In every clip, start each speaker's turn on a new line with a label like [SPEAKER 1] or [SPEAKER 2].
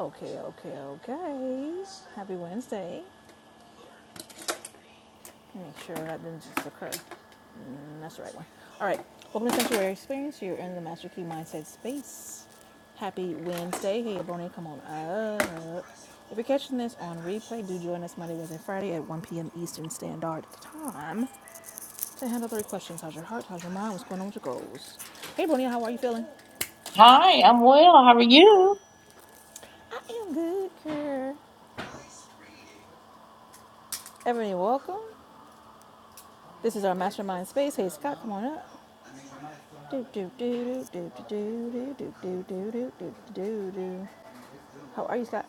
[SPEAKER 1] Okay, okay, okay. Happy Wednesday. Make sure that didn't just occur. Mm, that's the right one. All right. Welcome to Sanctuary Experience. You're in the Master Key Mindset space. Happy Wednesday. Hey, Bonnie, come on up. If you're catching this on replay, do join us Monday, Wednesday, Friday at 1 p.m. Eastern Standard Time to handle three questions. How's your heart? How's your mind? What's going on with your goals? Hey, Bonnie, how are you feeling?
[SPEAKER 2] Hi, I'm well. How are you?
[SPEAKER 1] I am good, girl. Everybody, welcome. This is our mastermind space. Hey, Scott, come on up. Do do do do do do do do do do do do do How are you, Scott?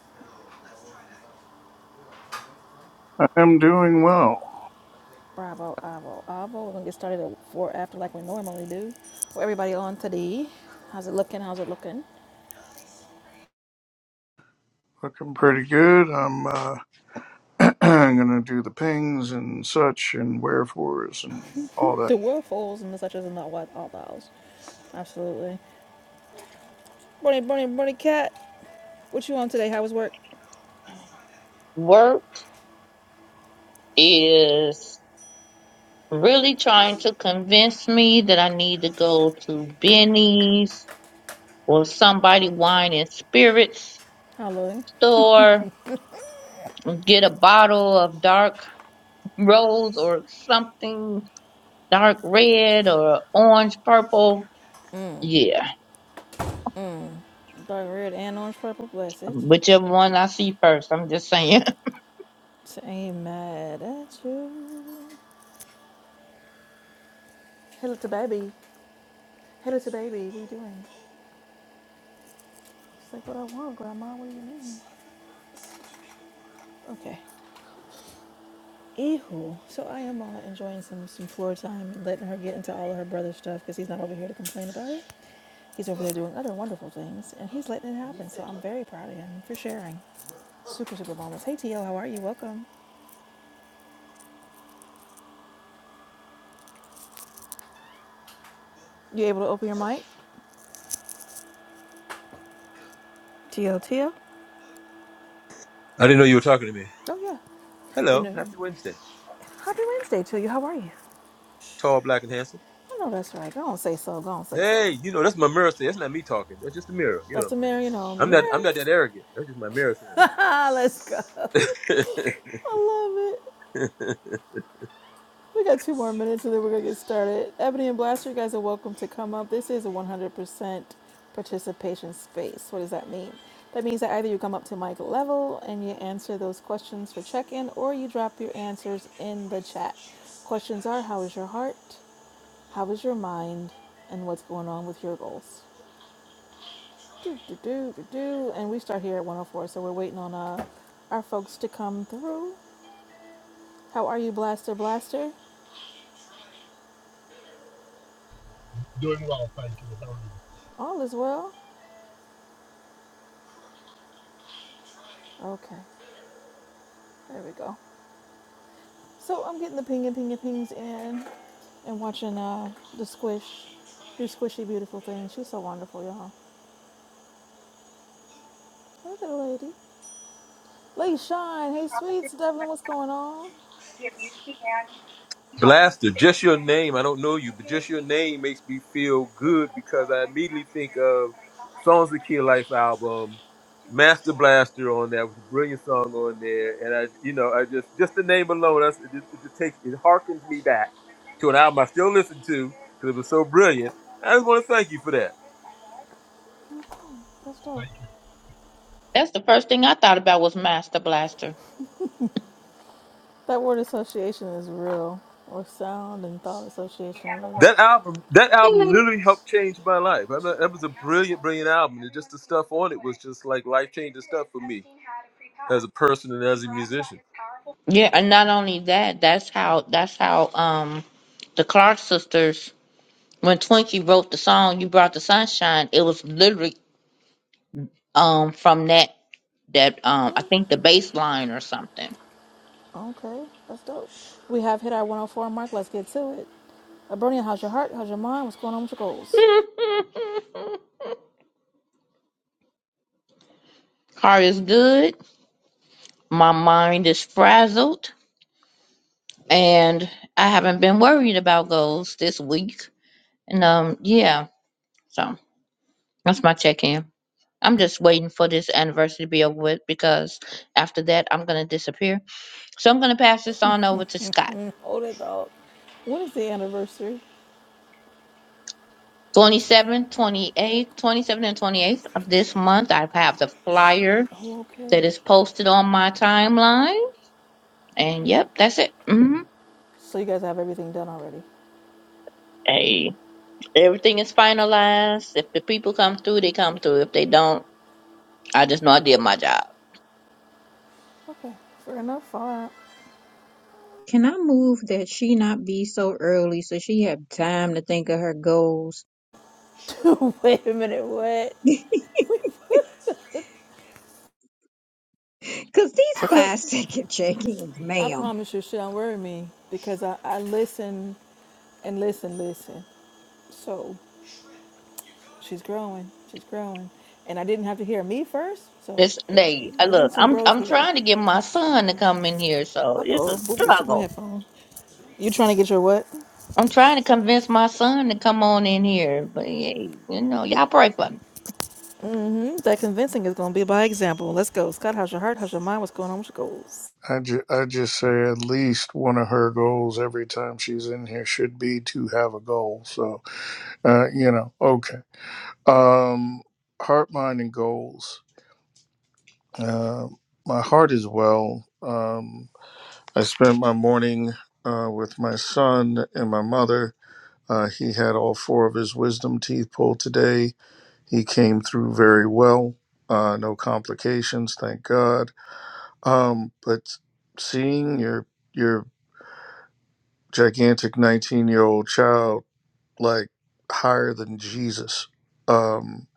[SPEAKER 3] I'm doing well.
[SPEAKER 1] Bravo, Avo, Avo. We're gonna get started at four after like we normally do. For everybody on today, how's it looking? How's it looking?
[SPEAKER 3] Looking pretty good. I'm uh, I'm gonna do the pings and such and wherefores and all that.
[SPEAKER 1] The world falls and such as not what all bows. Absolutely. Bunny, bunny, bunny, cat. What you on today? How was work?
[SPEAKER 2] Work is really trying to convince me that I need to go to Benny's or somebody wine and spirits
[SPEAKER 1] How loading?
[SPEAKER 2] store, get a bottle of dark rose or something, dark red or orange purple. Yeah,
[SPEAKER 1] Dark red and orange purple. Bless it.
[SPEAKER 2] whichever one I see first. I'm just saying.
[SPEAKER 1] So ain't mad at you. Hello to baby. Hello to baby. What are you doing? She's like, what I want, grandma. What do you mean? Okay. Ehu. So I am uh, enjoying some, some floor time and letting her get into all of her brother's stuff because he's not over here to complain about it. He's over there doing other wonderful things and he's letting it happen. So I'm very proud of him for sharing. Super, super bonus. Hey, TL, how are you? Welcome. You able to open your mic? TL, TL?
[SPEAKER 4] I didn't know you were talking to me.
[SPEAKER 1] Oh, yeah. You
[SPEAKER 4] Hello,
[SPEAKER 1] know,
[SPEAKER 4] happy Wednesday.
[SPEAKER 1] happy Wednesday to you. How are you?
[SPEAKER 4] Tall, black, and handsome.
[SPEAKER 1] I know that's right. Go on, say so. Go on, say so.
[SPEAKER 4] Hey, you know that's my mirror saying. That's not me talking. That's just the mirror. You know
[SPEAKER 1] That's
[SPEAKER 4] what
[SPEAKER 1] the
[SPEAKER 4] I'm saying?
[SPEAKER 1] Marion on the
[SPEAKER 4] I'm not. I'm
[SPEAKER 1] Marion.
[SPEAKER 4] not that arrogant. That's just my mirror
[SPEAKER 1] Let's go.
[SPEAKER 4] saying
[SPEAKER 1] I love it.
[SPEAKER 4] that.
[SPEAKER 1] We got two more minutes and then we're going to get started. Ebony and Blaster, you guys are welcome to come up. This is a 100% participation space. What does that mean? That means that either you come up to mic level and you answer those questions for check in or you drop your answers in the chat. Questions are how is your heart? How is your mind? And what's going on with your goals? Do, do, do, do, do. And we start here at 104, so we're waiting on uh, our folks to come through. How are you, Blaster Blaster?
[SPEAKER 5] Doing well, thank you.
[SPEAKER 1] All is well? Okay. There we go. So I'm getting the ping and ping and pings in and watching uh, the squish do squishy beautiful things. She's so wonderful, y'all. Look at the lady. Lady Shine. Hey, sweets. Devlin, what's going on?
[SPEAKER 4] Blaster, just your name. I don't know you, but just your name makes me feel good because I immediately think of Songs of Kill Life album, Master Blaster on there was a brilliant song on there, and I, you know, I just just the name alone, that's, it, just, it just takes it harkens me back to an album I still listen to because it was so brilliant. I just want to thank you for that.
[SPEAKER 1] That's dope.
[SPEAKER 5] Thank
[SPEAKER 2] That's the first thing I thought about was Master Blaster.
[SPEAKER 1] That word association is real, or sound and thought association, really.
[SPEAKER 4] That album, that
[SPEAKER 6] Hey,
[SPEAKER 4] album
[SPEAKER 6] lady,
[SPEAKER 4] literally helped change my life. I know, that was a brilliant, brilliant album. And just the stuff on it was just like life changing stuff for me as a person and as a musician.
[SPEAKER 2] Yeah, and not only that, that's how that's how um the Clark sisters when Twinkie wrote the song You Brought the Sunshine, it was literally um from that that um I think the bass line or something.
[SPEAKER 1] Okay, that's dope. We have hit our 104 mark. Let's get to it. Abronia, how's your heart? How's your mind? What's going on with your goals?
[SPEAKER 2] Heart is good, my mind is frazzled, and I haven't been worried about goals this week. And um yeah, so that's my check in. I'm just waiting for this anniversary to be over with because after that I'm gonna disappear. So I'm gonna pass this on over to Scott.
[SPEAKER 1] Oh, that dog. When is the anniversary?
[SPEAKER 2] Twenty seventh, twenty eighth, twenty seventh and 28th of this month. I have the flyer
[SPEAKER 1] I'm okay.
[SPEAKER 2] that is posted on my timeline. And
[SPEAKER 1] Okay.
[SPEAKER 2] yep, that's it. hmm
[SPEAKER 1] So you guys have everything done already.
[SPEAKER 2] Hey, everything is finalized. If the people come through, they come
[SPEAKER 1] Beautiful.
[SPEAKER 2] through. If they don't, I just know I did my job.
[SPEAKER 1] Okay, fair enough. All
[SPEAKER 6] can I move that she not be so early so she have time to think of her goals?
[SPEAKER 1] right. Wait a minute, what?
[SPEAKER 6] Because these five second check-ins,
[SPEAKER 1] I
[SPEAKER 6] ma'am.
[SPEAKER 1] promise you, she don't worry me because I, I listen and listen, listen. So she's growing, she's growing, and I didn't have to hear me first. So
[SPEAKER 2] This
[SPEAKER 1] it,
[SPEAKER 2] they I
[SPEAKER 1] we're getting
[SPEAKER 2] look,
[SPEAKER 1] some
[SPEAKER 2] I'm
[SPEAKER 1] growth
[SPEAKER 2] I'm
[SPEAKER 1] here.
[SPEAKER 2] trying to get my son to come in here, so
[SPEAKER 1] Uh
[SPEAKER 2] it's a
[SPEAKER 1] oh, boo boo, took my
[SPEAKER 2] struggle.
[SPEAKER 1] headphone. You trying to get your what?
[SPEAKER 2] I'm trying to convince my son to come on in here, but hey, you know, y'all pray for me.
[SPEAKER 1] Mm, that convincing is gonna be by example. Let's go, Scott. How's your heart? How's your mind? What's going on with your goals?
[SPEAKER 3] I, ju- I just say at least one of her goals every time she's in here should be to have a goal. So uh, you know, okay. Um, heart, mind, and goals. Uh, my heart is well. Um, I spent my morning uh, with my son and my mother. Uh, he had all four of his wisdom teeth pulled today He came through very well, uh, no complications, thank God. Um, but seeing your your gigantic 19 year old child like higher than Jesus, um,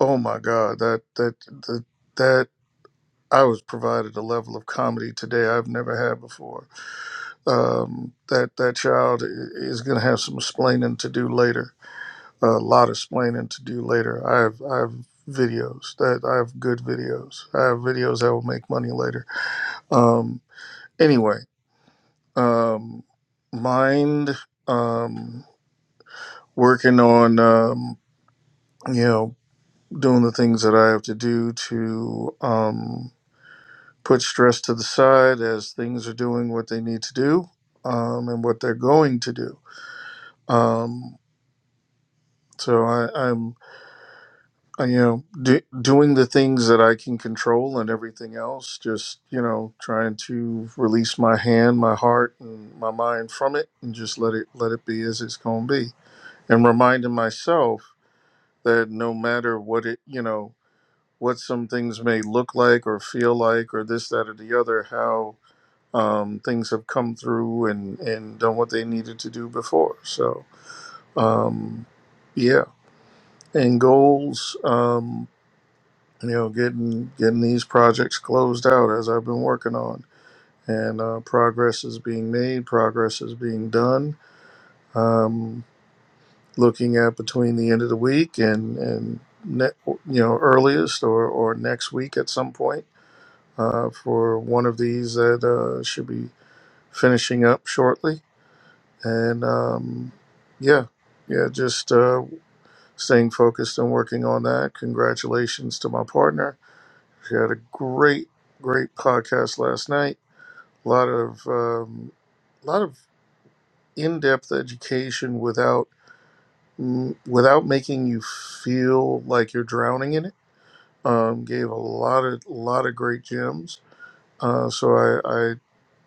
[SPEAKER 3] oh my God, that that that that I was provided a level of comedy today I've never had before. Um, that that child i- is going to have some explaining to do later a lot of explaining to do later. I have I have videos that I have good videos. I have videos that will make money later. Um, anyway, um, mind um, working on um, you know doing the things that I have to do to um, put stress to the side as things are doing what they need to do um, and what they're going to do. Um, so I, am uh, you know do, doing the things that i can control and everything else just you know trying to release my hand my heart and my mind from it and just let it let it be as it's going to be and reminding myself that no matter what it you know what some things may look like or feel like or this that or the other how um, things have come through and and done what they needed to do before so um yeah and goals. Um, you know, getting getting these projects closed out as I've been working on, and uh, progress is being made, progress is being done. Um, looking at between the end of the week and and ne- you know earliest or or next week at some point uh, for one of these that uh, should be finishing up shortly, and um, yeah. Yeah, just uh, staying focused and working on that. Congratulations to my partner She had a great, great podcast last night. A lot of um, a lot of in-depth education without mm, without making you feel like you're drowning in it. Um, gave a lot of lot of great gems. Uh, so I, I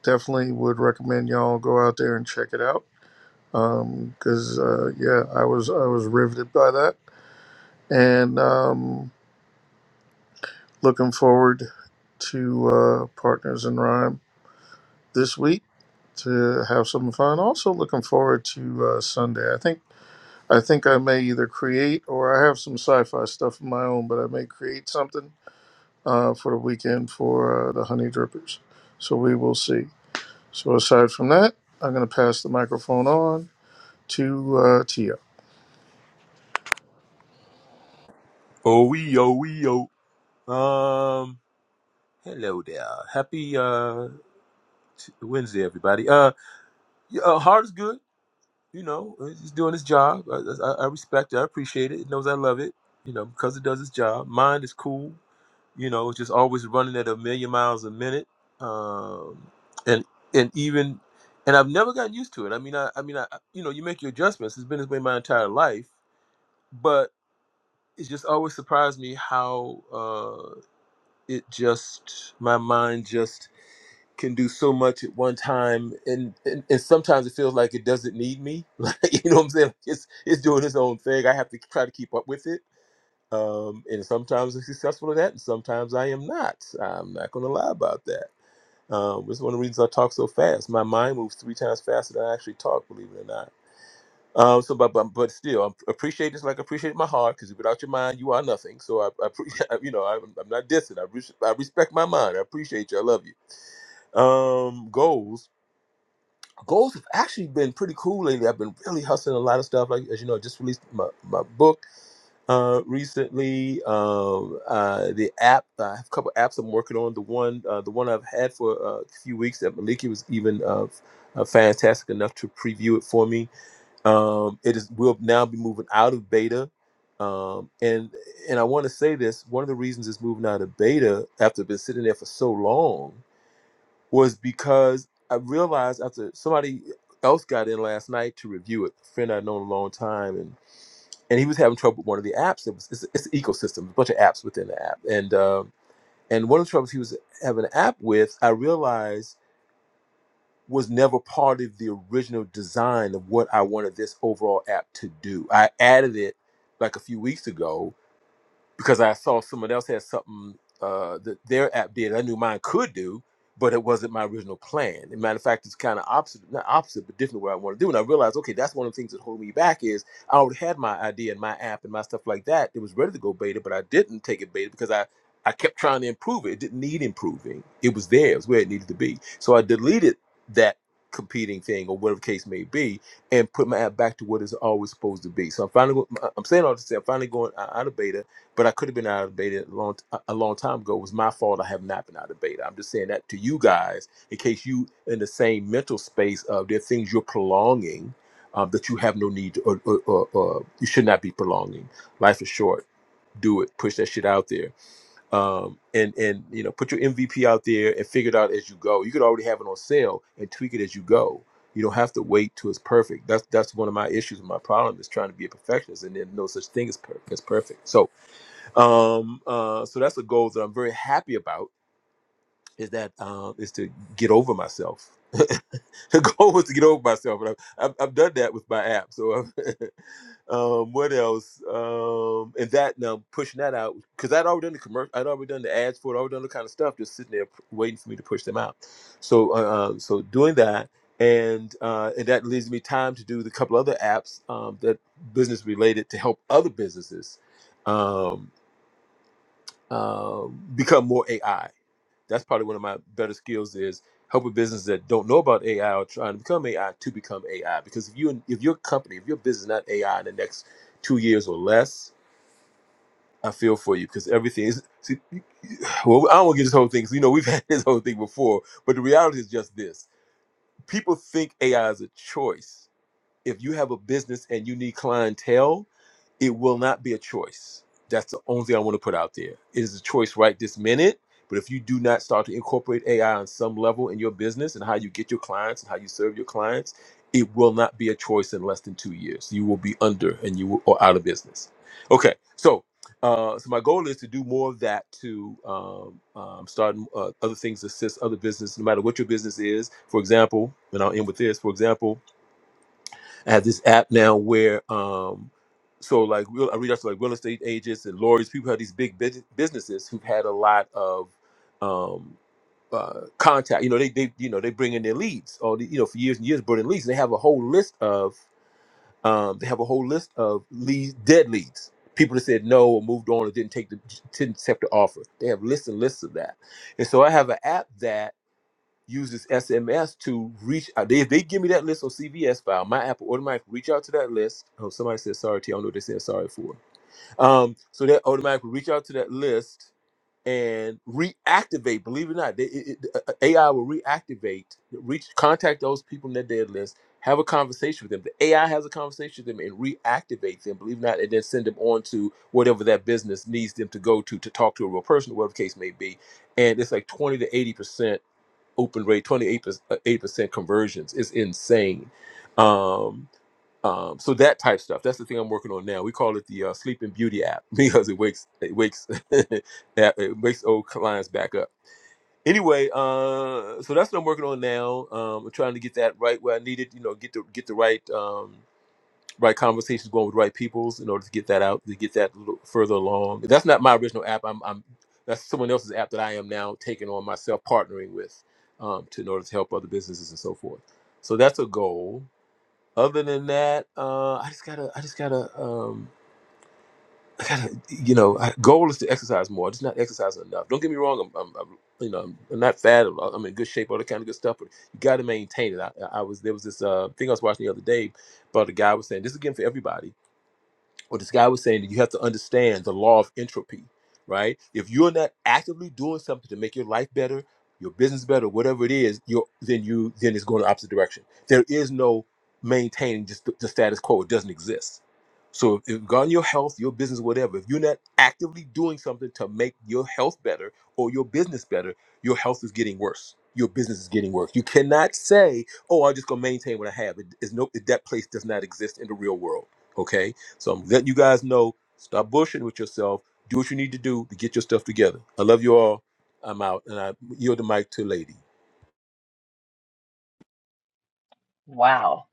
[SPEAKER 3] definitely would recommend y'all go out there and check it out because uh, yeah, I was I was riveted by that and um, looking forward to uh, Partners in Rhyme this week to have some fun. Also looking forward to uh, Sunday. I think I think I may either create or I have some sci-fi stuff of my own, but I may create something uh, for the weekend for uh, the Honey Drippers. So we will see. So aside from that, I'm going to pass the microphone on to uh, Tia.
[SPEAKER 4] Oh, we, oh, we, oh. Um, hello there. Happy uh t- Wednesday, everybody. Uh, yeah, uh Heart is good. You know, uh, he's doing his job. I, I, I respect it. I appreciate it. It knows I love it. You know, because it does its job. Mind is cool. you know, just always running at a million miles a minute. Um, and and even and I've never gotten used to it. I mean, I, I mean, I you know, you make your adjustments. It's been this way my entire life, but it just always surprised me how uh, it just my mind just can do so much at one time, and, and and sometimes it feels like it doesn't need me. Like you know what I'm saying? Like, It's it's doing its own thing. I have to try to keep up with it um, and sometimes I'm successful at that, and sometimes I am not. I'm not going to lie about that. Um, it's one of the reasons I talk so fast. My mind moves three times faster than I actually talk, believe it or not. Um, so, but, but but still, I appreciate this like I appreciate my heart, because without your mind, you are nothing. So I, I pre- you know, I, I'm not dissing. I, res- I respect my mind. I appreciate you. I love you. Um, goals. Goals have actually been pretty cool lately. I've been really hustling a lot of stuff. Like as you know, I just released my, my book uh, recently. Um, uh, the app, uh, I have a couple apps I'm working on. The one, uh, the one I've had for uh, a few weeks that Maliki was even uh, uh, fantastic enough to preview it for me. Um, it is will now be moving out of beta. Um, and and I want to say this. One of the reasons it's moving out of beta after it's been sitting there for so long was because I realized after somebody else got in last night to review it, a friend I've known a long time, and he was having trouble with one of the apps. It was it's, it's an ecosystem, a bunch of apps within the app, and um, and one of the troubles he was having an app with, I realized was never part of the original design of what I wanted this overall app to do. I added it like a few weeks ago because I saw someone else had something uh, that their app did. I knew mine could do, but it wasn't my original plan. As a matter of fact, it's kind of opposite, not opposite, but different what I want to do. And I realized, okay, that's one of the things that hold me back is I already had my idea and my app and my stuff like that. It was ready to go beta, but I didn't take it beta because I, I kept trying to improve it. It didn't need improving. It was there. It was where it needed to be. So I deleted that competing thing or whatever the case may be and put my app back to what it's always supposed to be. So I'm finally, go- I'm saying all this, I'm finally going uh, out of beta but I could have been out of beta a long a long time ago. It was my fault. I have not been out of beta. I'm just saying that to you guys in case you in the same mental space of there are things you're prolonging um, that you have no need to, or, or, or, or you should not be prolonging. Life is short. Do it. Push that shit out there, um, and and you know put your MVP out there and figure it out as you go. You could already have it on sale and tweak it as you go. You don't have to wait till it's perfect. That's that's one of my issues. My problem is trying to be a perfectionist, and there's no such thing as per- as perfect. So um, uh, so that's a goal that I'm very happy about. Is that uh, is to get over myself. the goal was to get over myself, and I've, I've, I've done that with my app. So, i um, what else? Um, and that now pushing that out because I'd already done the commercial, I'd already done the ads for it, already done the kind of stuff, just sitting there p- waiting for me to push them out. So, uh, uh, so doing that, and uh, and that leaves me time to do the couple other apps um, that business related to help other businesses. um um, become more AI. That's probably one of my better skills is helping businesses that don't know about AI or trying to become AI to become AI. Because if you if your company, if your business is not AI in the next two years or less, I feel for you because everything is. See, well, I don't want to get this whole thing. 'cause, you know, we've had this whole thing before, but the reality is just this: people think AI is a choice if you have a business and you need clientele, it will not be a choice. That's the only thing I want to put out there. It is a choice right this minute. But if you do not start to incorporate AI on some level in your business and how you get your clients and how you serve your clients, it will not be a choice in less than two years. You will be under and you will, or out of business. Okay, so uh, so my goal is to do more of that to um, um, start uh, other things, assist other business, no matter what your business is. For example, and I'll end with this. For example, I have this app now where um so like real, I reach out to like real estate agents and lawyers, people who have these big bus- businesses who've had a lot of um uh contact. You know, they they you know they bring in their leads all the, you know for years and years burning leads. They have a whole list of um they have a whole list of leads dead leads. People that said no or moved on or didn't take the didn't accept the offer. They have lists and lists of that. And so I have an app that uses SMS to reach out. They, if they give me that list on CVS file, my app will automatically reach out to that list. Oh, somebody said sorry to I don't know what they said sorry for. Um, so that automatically reach out to that list and reactivate. Believe it or not, they, it, it- uh, uh, AI will reactivate, reach, contact those people in their dead list, have a conversation with them. The AI has a conversation with them and reactivates them. Believe it or not, and then send them on to whatever that business needs them to go to to talk to a real person, whatever the case may be. And it's like twenty to eighty percent open rate, 28% conversions. It's insane. Um, um, so that type stuff. That's the thing I'm working on now. We call it the uh, Sleeping Beauty app because it wakes it wakes it wakes old clients back up. Anyway, uh, so that's what I'm working on now. Um, I'm trying to get that right where I need it. You know, get the get the right. um, right conversations going with the right peoples in order to get that out to get that a little further along that's not my original app i'm, I'm that's someone else's app that i am now taking on myself partnering with um, to in order to help other businesses and so forth so that's a goal other than that uh, i just gotta i just gotta um, i gotta you know I, goal is to exercise more I'm just not exercising enough don't get me wrong i'm, I'm, I'm you know i'm not fat i'm I'm in good shape all that kind of good stuff but you got to maintain it I, I was there was this uh, thing i was watching the other day but the guy was saying this is again for everybody what this guy was saying that you have to understand the law of entropy, right? If you're not actively doing something to make your life better, your business better, whatever it is, you're, then you then it's going the opposite direction. There is no maintaining just the, the status quo; it doesn't exist. So, if regarding your health, your business, whatever, if you're not actively doing something to make your health better or your business better, your health is getting worse. Your business is getting worse. You cannot say, "Oh, I'm just gonna maintain what I have." It is no that place does not exist in the real world. Okay, so I'm letting you guys know, stop bullshitting with yourself. Do what you need to do to get your stuff together. I love you all. I'm out, and I yield the mic to Lady.
[SPEAKER 7] Wow.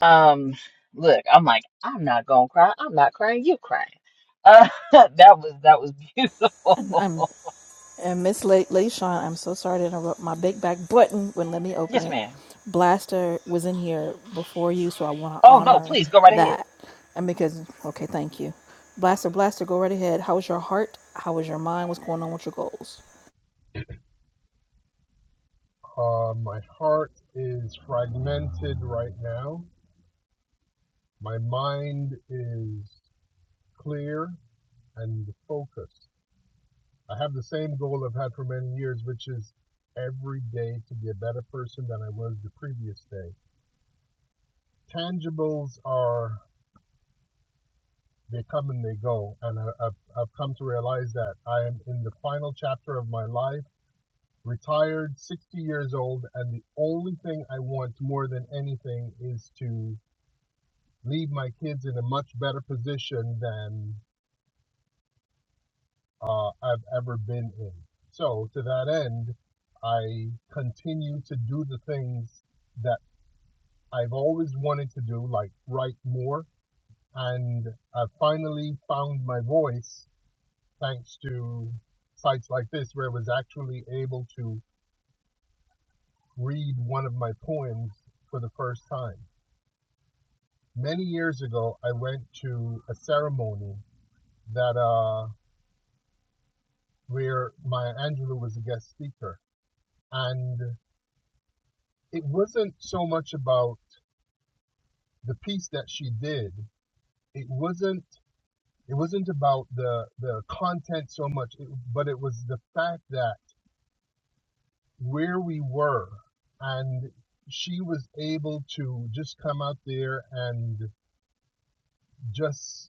[SPEAKER 7] Um, look, I'm like, I'm not gonna cry. I'm not crying. You crying. Uh, that was that was beautiful.
[SPEAKER 1] And I'm. And Miss Late I'm so sorry to interrupt. My big back button wouldn't let me open
[SPEAKER 7] Yes,
[SPEAKER 1] it.
[SPEAKER 7] ma'am.
[SPEAKER 1] Blaster was in here before you, so I want to
[SPEAKER 7] Oh no,
[SPEAKER 1] honor
[SPEAKER 7] please go right ahead.
[SPEAKER 1] that. And because, okay, thank you. Blaster, Blaster, go right ahead. How was your heart? How was your mind? What's going on with your goals?
[SPEAKER 5] you. Uh, my heart is fragmented right now. My mind is clear and focused. I have the same goal I've had for many years, which is every day to be a better person than I was the previous day. Tangibles are, they come and they go. And I, I've, I've come to realize that I am in the final chapter of my life, retired, 60 years old, and the only thing I want more than anything is to leave my kids in a much better position than uh, I've ever been in. So, to that end, I continue to do the things that I've always wanted to do, like write more. And I finally found my voice thanks to sites like this, where I was actually able to read one of my poems for the first time. Many years ago, I went to a ceremony that. uh, where Maya Angelou was a guest speaker. And it wasn't so much about the piece that she did. It wasn't it wasn't about the the content so much, it, but it was the fact that where we were and she was able to just come out there and just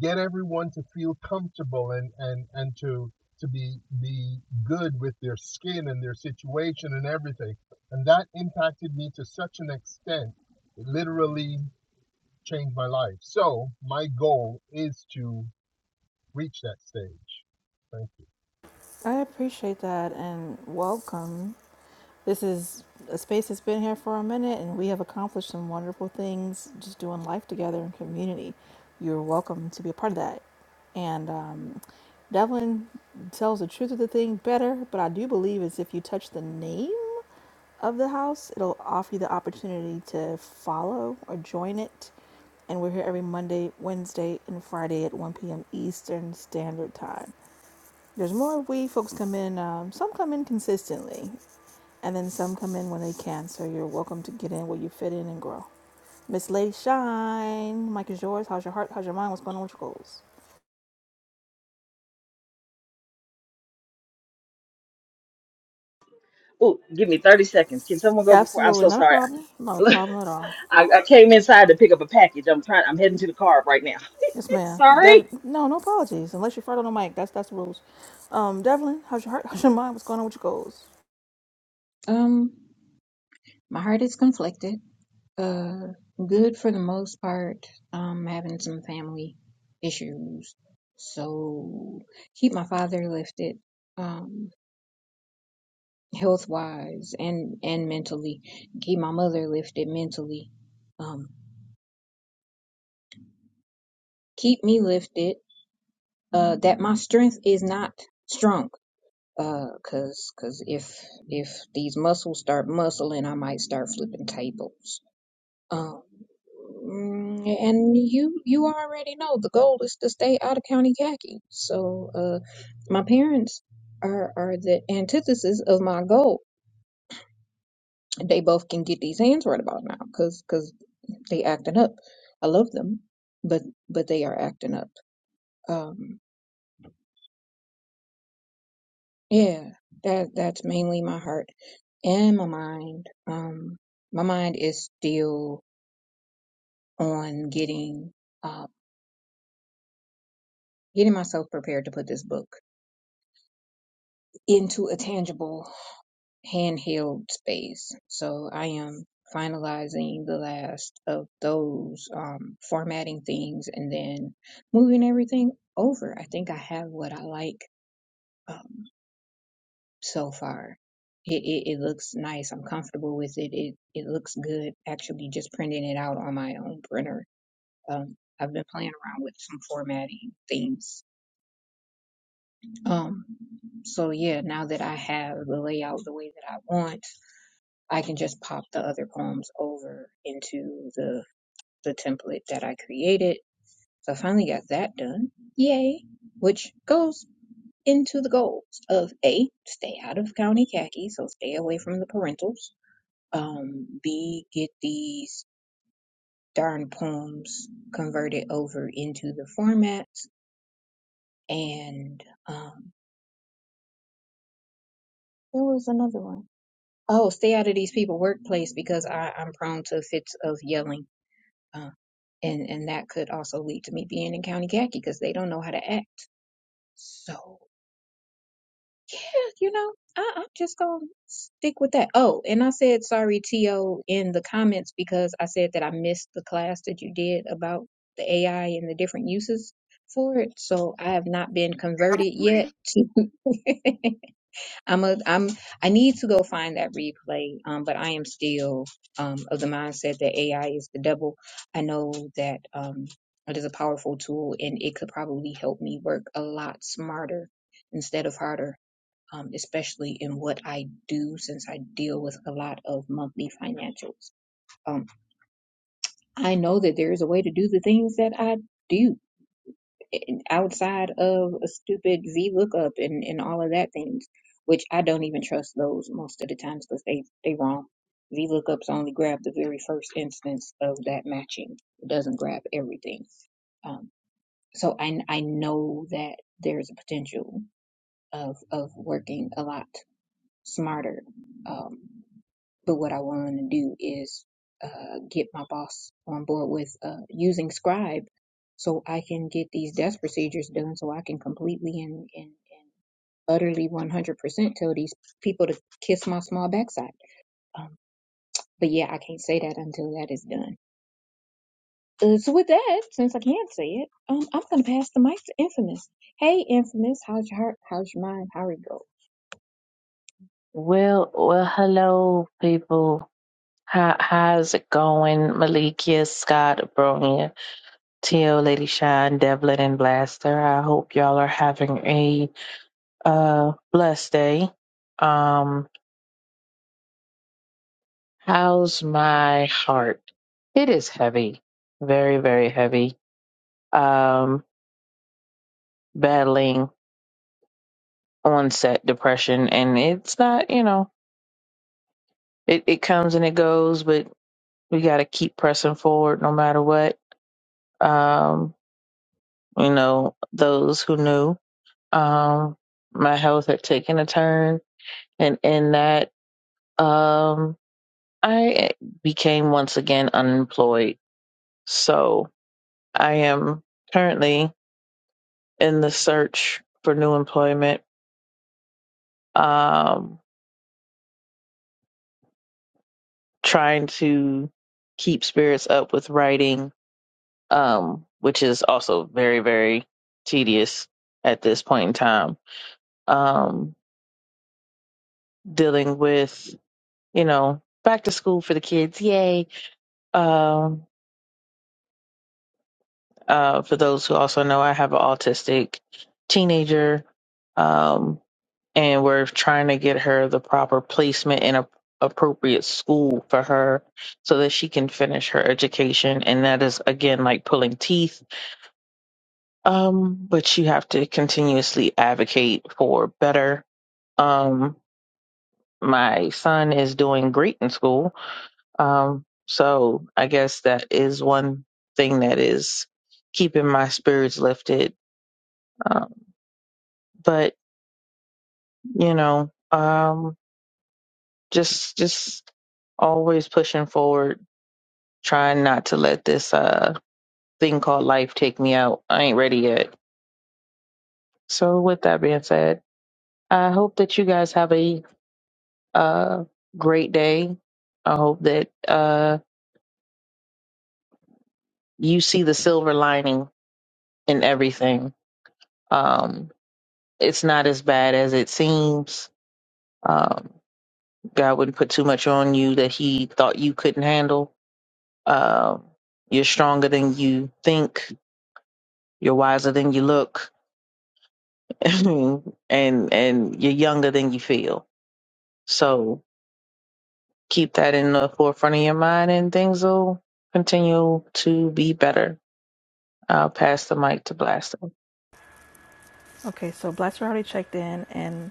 [SPEAKER 5] get everyone to feel comfortable and and and to to be be good with their skin and their situation and everything and that impacted me to such an extent it literally changed my life so my goal is to reach that stage thank you
[SPEAKER 1] I appreciate that and welcome. This is a space that's been here for a minute, and we have accomplished some wonderful things just doing life together in community. You're welcome to be a part of that. And um, Devlin tells the truth of the thing better, but I do believe is if you touch the name of the house, it'll offer you the opportunity to follow or join it. And we're here every Monday, Wednesday, and Friday at 1 p.m. Eastern Standard Time. There's more we folks come in. Um, some come in consistently. And then some come in when they can, so you're welcome to get in where you fit in and grow. Miss Lady Shine, mic is yours. How's your heart? How's your mind? What's going on with your goals?
[SPEAKER 7] Ooh, give me 30 seconds. Can someone go before? I'm
[SPEAKER 1] Absolutely,
[SPEAKER 7] so
[SPEAKER 1] not a
[SPEAKER 7] sorry.
[SPEAKER 1] problem. Not a
[SPEAKER 7] I,
[SPEAKER 1] problem at all.
[SPEAKER 7] I came inside to pick up a package. I'm trying. I'm heading to the car right now.
[SPEAKER 1] Yes, ma'am. Dev-
[SPEAKER 7] sorry.
[SPEAKER 1] no, no apologies. Unless you're farting on the mic, that's that's the rules. Um, Devlin, how's your heart? How's your mind? What's going on with your goals?
[SPEAKER 6] Um, my heart is conflicted. Uh, good for the most part. Um, having some family issues, so keep my father lifted. Um, health wise and and mentally, keep my mother lifted mentally. Um, keep me lifted uh, that my strength is not strong. Uh, cause cause if if these muscles start muscling, I might start flipping tables. Um, mm, and you you already know the goal is to stay out of county khaki. So, uh, my parents are are the antithesis of my goal. They both can get these hands right about now, cause cause they acting up. I love them, but but they are acting up. Um, Yeah, that that's mainly my heart and my mind. Um, my mind is still on getting uh, getting myself prepared to put this book into a tangible handheld space. So I am finalizing the last of those um, formatting things and then moving everything over. I think I have what I like. um, so far. It, it, it looks nice. I'm comfortable with it. It it looks good. Actually, just printing it out on my own printer. Um, I've been playing around with some formatting themes. Um, so yeah, now that I have the layout the way that I want, I can just pop the other poems over into the the template that I created. So I finally got that done. Yay! Which goes into the goals of A, stay out of county khaki, so stay away from the parentals. um, B, get these darn poems converted over into the formats. And um, there was another one. Oh, stay out of these people workplace because I, I'm prone to fits of yelling. Uh, and, and that could also lead to me being in county khaki because they don't know how to act. So Yeah, you know, I, I'm just gonna stick with that. Oh, and I said sorry, T.O., in the comments because I said that I missed the class that you did about the AI and the different uses for it. So I have not been converted yet. To I'm a I'm I need to go find that replay. Um, but I am still um of the mindset that AI is the devil. I know that um it is a powerful tool and it could probably help me work a lot smarter instead of harder um, especially in what I do since I deal with a lot of monthly financials. Um, I know that there is a way to do the things that I do and outside of a stupid VLOOKUP and, and all of that things, which I don't even trust those most of the times because they, they wrong. VLOOKUPs only grab the very first instance of that matching. It doesn't grab everything. Um, so I, I know that there's a potential of, of working a lot smarter. Um, but what I want to do is uh, get my boss on board with uh, using Scribe so I can get these desk procedures done so I can completely and, and, and utterly 100% tell these people to kiss my small backside. Um, but yeah, I can't say that until that is done. Uh, so with that, since I can't say it, um, I'm gonna pass the mic to Infamous. Hey, Infamous, how's your heart? How's your mind? How it go?
[SPEAKER 8] Well, well, hello, people. How how's it going, Malikia, Scott, Bronya, Teal, Lady Shine, Devlin, and Blaster? I hope y'all are having a uh blessed day. Um, how's my heart? It is heavy, very, very heavy. Um, battling onset depression, and it's not, you know, it it comes and it goes, but we got to keep pressing forward no matter what. Um you know, those who knew. Um, my health had taken a turn, and in that, um, I became once again unemployed. So I am currently in the search for new employment, um, trying to keep spirits up with writing, um, which is also very, very tedious at this point in time. Um, dealing with you know, back to school for the kids. Yay. Um, uh, for those who also know, I have an autistic teenager. Um, and we're trying to get her the proper placement in a appropriate school for her so that she can finish her education. And that is again like pulling teeth. Um, but you have to continuously advocate for better. Um, my son is doing great in school Um, so I guess that is one thing that is keeping my spirits lifted. Um, but you know, um, just just always pushing forward, trying not to let this uh thing called life take me out. I ain't ready yet. So with that being said, I hope that you guys have a uh great day. I hope that uh you see the silver lining in everything. Um It's not as bad as it seems. Um, God wouldn't put too much on you that He thought you couldn't handle. Um, you're stronger than you think. You're wiser than you look, and and you're younger than you feel. So keep that in the forefront of your mind, and things will continue to be better. I'll pass the mic to Blaster.
[SPEAKER 1] Okay, so Black's already checked in, and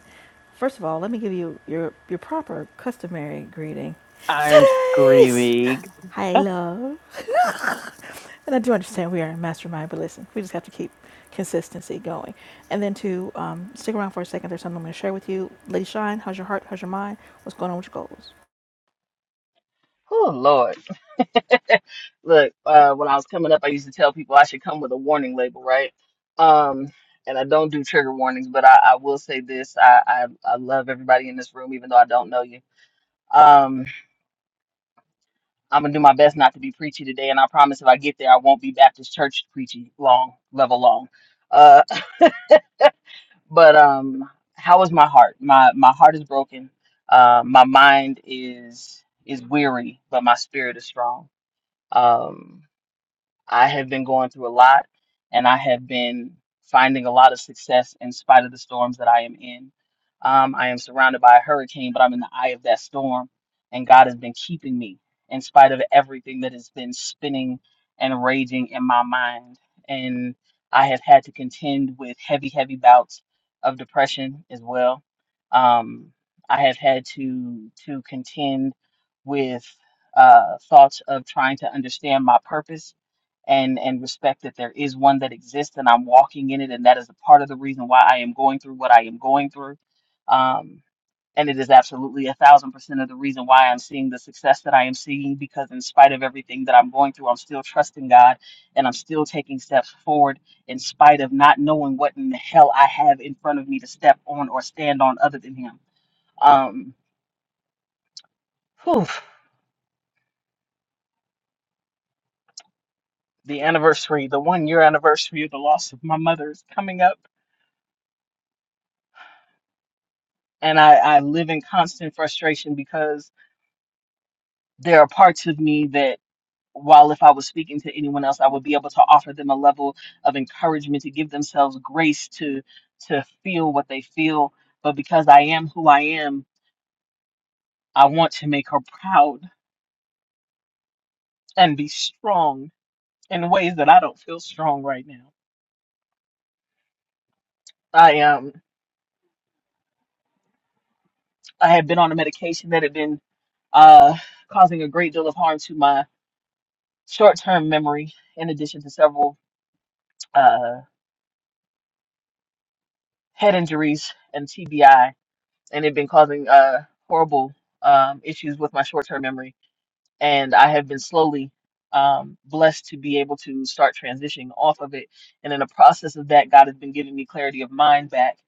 [SPEAKER 1] first of all, let me give you your your proper customary greeting. Today's hi love. And I do understand we are a mastermind, but listen, we just have to keep consistency going. And then to um, stick around for a second, there's something I'm going to share with you. Lady Shine, how's your heart? How's your mind? What's going on with your goals?
[SPEAKER 7] Oh Lord. Look, uh, when I was coming up, I used to tell people I should come with a warning label, right? Um, and I don't do trigger warnings, but I, I will say this: I, I I love everybody in this room, even though I don't know you. Um, I'm gonna do my best not to be preachy today, and I promise if I get there, I won't be Baptist church preachy long level long. Uh, but um, how is my heart? My my heart is broken. Uh, my mind is is weary, but my spirit is strong. Um, I have been going through a lot and I have been finding a lot of success in spite of the storms that I am in. Um, I am surrounded by a hurricane, but I'm in the eye of that storm, and God has been keeping me in spite of everything that has been spinning and raging in my mind. And I have had to contend with heavy, heavy bouts of depression as well. Um, I have had to to contend with uh, thoughts of trying to understand my purpose and and respect that there is one that exists and I'm walking in it and that is a part of the reason why I am going through what I am going through. Um, and it is absolutely a thousand percent of the reason why I'm seeing the success that I am seeing because in spite of everything that I'm going through, I'm still trusting God and I'm still taking steps forward in spite of not knowing what in the hell I have in front of me to step on or stand on other than him. Um, whew, the anniversary, the one year anniversary of the loss of my mother is coming up and I, I live in constant frustration because there are parts of me that while if I was speaking to anyone else, I would be able to offer them a level of encouragement to give themselves grace to to feel what they feel. But because I am who I am, I want to make her proud and be strong in ways that I don't feel strong right now. I um I had been on a medication that had been uh causing a great deal of harm to my short term memory in addition to several uh head injuries and TBI, and it had been causing uh, horrible um, issues with my short term memory and I have been slowly um, blessed to be able to start transitioning off of it. And in the process of that, God has been giving me clarity of mind back.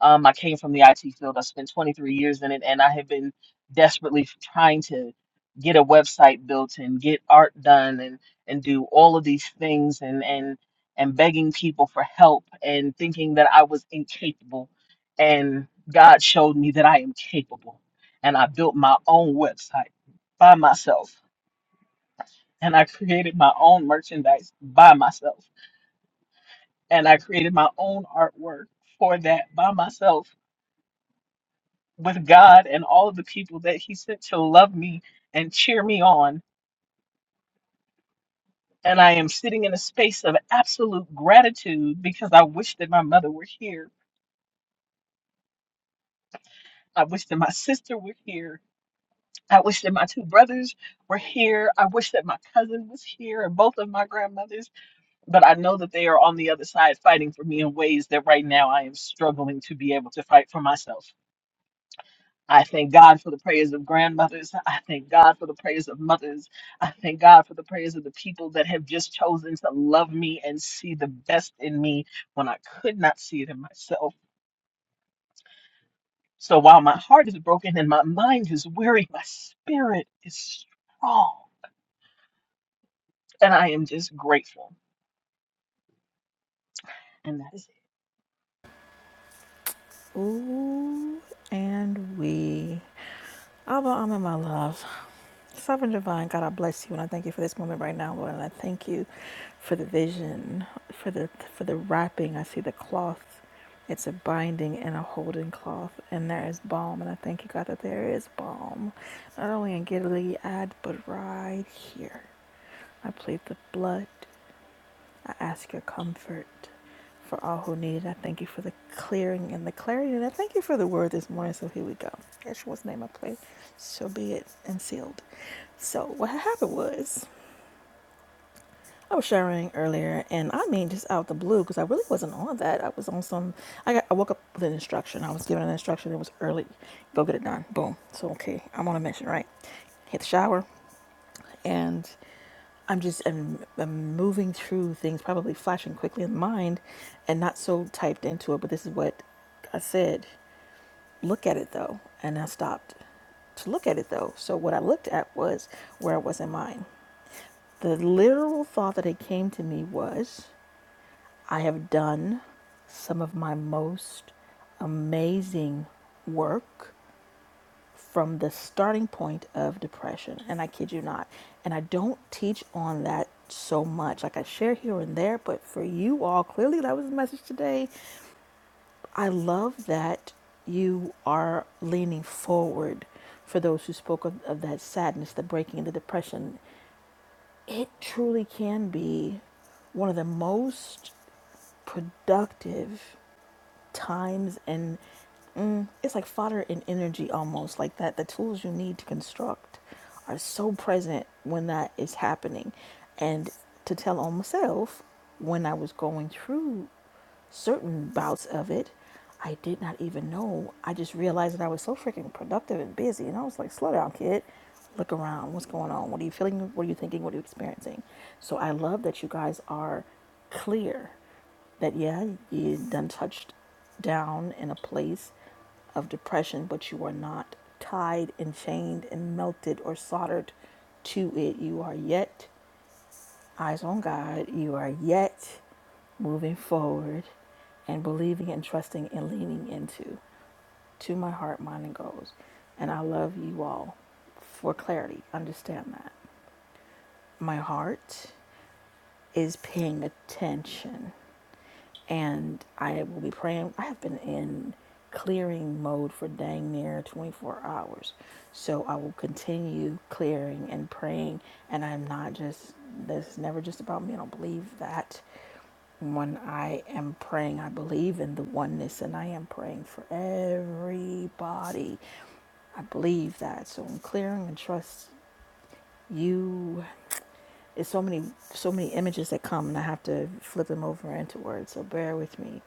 [SPEAKER 7] Um, I came from the IT field. I spent 23 years in it, and I have been desperately trying to get a website built and get art done and and do all of these things and and and begging people for help and thinking that I was incapable. And God showed me that I am capable. And I built my own website by myself and I created my own merchandise by myself. And I created my own artwork for that by myself with God and all of the people that He sent to love me and cheer me on. And I am sitting in a space of absolute gratitude because I wish that my mother were here. I wish that my sister were here. I wish that my two brothers were here. I wish that my cousin was here and both of my grandmothers. but I know that they are on the other side fighting for me in ways that right now I am struggling to be able to fight for myself. I thank God for the prayers of grandmothers. I thank God for the prayers of mothers. I thank God for the prayers of the people that have just chosen to love me and see the best in me when I could not see it in myself. So while my heart is broken and my mind is weary, my spirit is strong. And I am just grateful. And that's
[SPEAKER 1] Ooh, and we. Abba, I'm in my love. Sovereign Divine, God, I bless you and I thank you for this moment right now, Lord. And I thank you for the vision, for the for the wrapping. I see the cloth It's a binding and a holding cloth, and there is balm, and I thank you, God, that there is balm, not only in Gilead, but right here. I plead the blood. I ask your comfort for all who need it. I thank you for the clearing and the clarity, and I thank you for the word this morning. So here we go. Yeshua's name I pray. So be it and sealed. So what happened was I was showering earlier, and I mean, just out the blue, because I really wasn't on that. I was on some. I got. I woke up with an instruction. I was given an instruction. It was early. Go get it done. Boom. So okay, I'm on a mission, right? Hit the shower, and I'm just. I'm, I'm moving through things, probably flashing quickly in mind, and not so typed into it. But this is what I said. Look at it though, and I stopped to look at it though. So what I looked at was where it was in mind. The literal thought that it came to me was. I have done some of my most amazing work from the starting point of depression. And I kid you not. And I don't teach on that so much. Like I share here and there, but for you all, clearly that was the message today. I love that you are leaning forward for those who spoke of, of that sadness, the breaking, and the depression. It truly can be one of the most productive times and mm, it's like fodder and energy almost like that the tools you need to construct are so present when that is happening and to tell on myself when i was going through certain bouts of it. I did not even know. I just realized that I was so freaking productive and busy. And I was like, slow down, kid. Look around. What's going on? What are you feeling? What are you thinking? What are you experiencing? So I love that you guys are clear that, yeah, you done touched down in a place of depression, but you are not tied and chained and melted or soldered to it. You are yet eyes on God, you are yet moving forward and believing and trusting and leaning into to my heart, mind, and goals. And I love you all for clarity. Understand that. My heart is paying attention. And I will be praying. I have been in clearing mode for dang near 24 hours. So I will continue clearing and praying. And I'm not just, this is never just about me. I don't believe that. When I am praying, I believe in the oneness and I am praying for everybody. I believe that. So I'm clearing and trust you it's so many so many images that come, and I have to flip them over into words. So bear with me.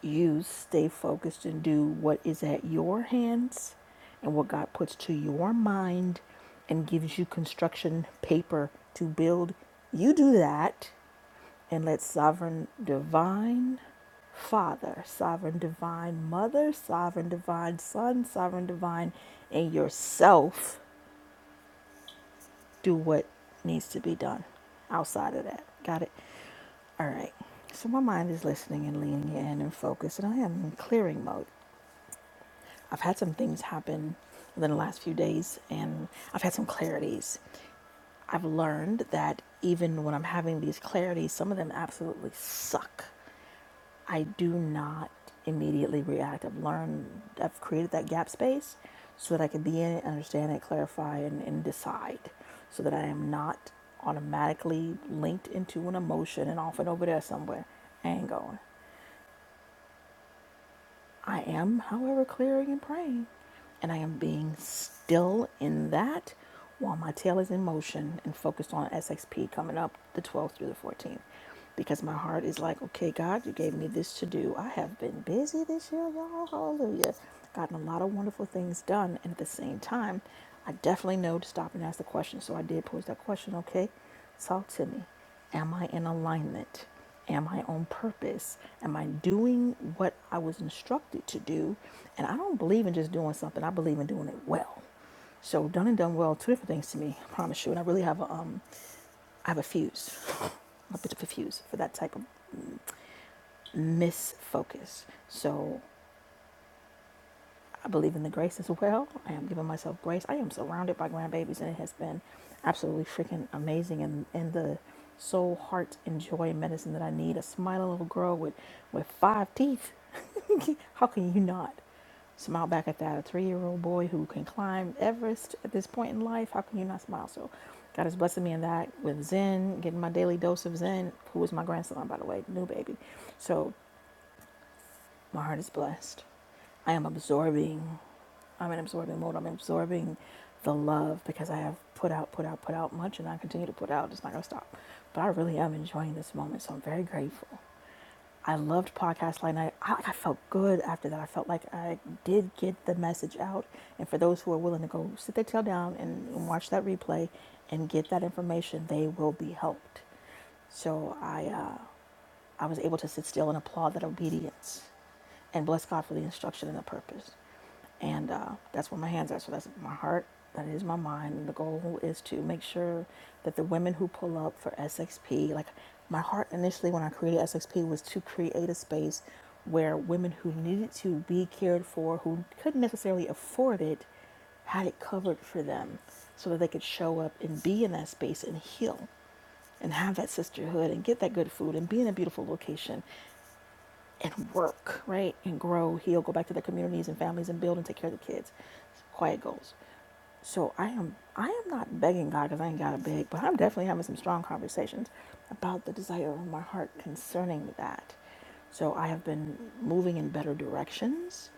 [SPEAKER 1] You stay focused and do what is at your hands, and what God puts to your mind, and gives you construction paper to build. You do that, and let sovereign divine Father, sovereign divine mother, sovereign divine son, sovereign divine, and yourself do what needs to be done outside of that. Got it? All right. So my mind is listening and leaning in and focused, and I am in clearing mode. I've had some things happen within the last few days, and I've had some clarities. I've learned that even when I'm having these clarities, some of them absolutely suck. I do not immediately react. I've learned, I've created that gap space so that I can be in it, understand it, clarify, and, and decide so that I am not automatically linked into an emotion and off and over there somewhere. I ain't going. I am, however, clearing and praying. And I am being still in that while my tail is in motion and focused on SXP coming up the 12th through the 14th. Because my heart is like, okay, God, you gave me this to do. I have been busy this year, y'all. Hallelujah. Gotten a lot of wonderful things done. And at the same time, I definitely know to stop and ask the question. So I did pose that question, okay? Talk to me. Am I in alignment? Am I on purpose? Am I doing what I was instructed to do? And I don't believe in just doing something, I believe in doing it well. So done and done well, two different things to me, I promise you. And I really have a um I have a fuse. A bit of a fuse for that type of misfocus. So I believe in the grace as well. I am giving myself grace. I am surrounded by grandbabies, and it has been absolutely freaking amazing. And, and the soul, heart, and joy and medicine that I need a smiling little girl with, with five teeth. How can you not smile back at that? A three year old boy who can climb Everest at this point in life. How can you not smile? So, God is blessing me in that with Zen, getting my daily dose of Zen, who is my grandson, by the way, new baby. So, my heart is blessed. I am absorbing. I'm in absorbing mode. I'm absorbing the love because I have put out, put out, put out much, and I continue to put out. It's not going to stop. But I really am enjoying this moment, so I'm very grateful. I loved podcast line. night. I like, I felt good after that. I felt like I did get the message out. And for those who are willing to go sit their tail down and, and watch that replay and get that information, they will be helped. So I uh, I was able to sit still and applaud that obedience and bless God for the instruction and the purpose. And uh, that's where my hands are. So that's my heart, that is my mind. And the goal is to make sure that the women who pull up for SXP, like my heart initially when I created SXP was to create a space where women who needed to be cared for, who couldn't necessarily afford it, had it covered for them so that they could show up and be in that space and heal and have that sisterhood and get that good food and be in a beautiful location and work, right? And grow, heal, go back to their communities and families and build and take care of the kids. Quiet goals. So I am I am not begging God because I ain't gotta beg, but I'm definitely having some strong conversations about the desire of my heart concerning that. So I have been moving in better directions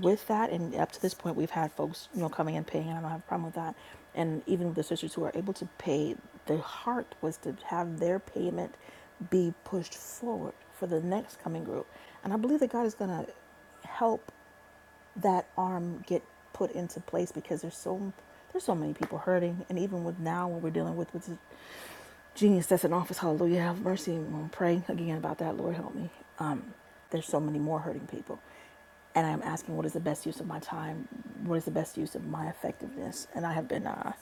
[SPEAKER 1] with that and up to this point we've had folks you know coming and paying and i don't have a problem with that and even the sisters who are able to pay the heart was to have their payment be pushed forward for the next coming group and i believe that god is going to help that arm get put into place because there's so there's so many people hurting and even with now what we're dealing with with Genius that's in office, hallelujah, have mercy. I'm going to pray again about that. Lord, help me. Um, there's so many more hurting people. And I'm asking, what is the best use of my time? What is the best use of my effectiveness? And I have been, uh,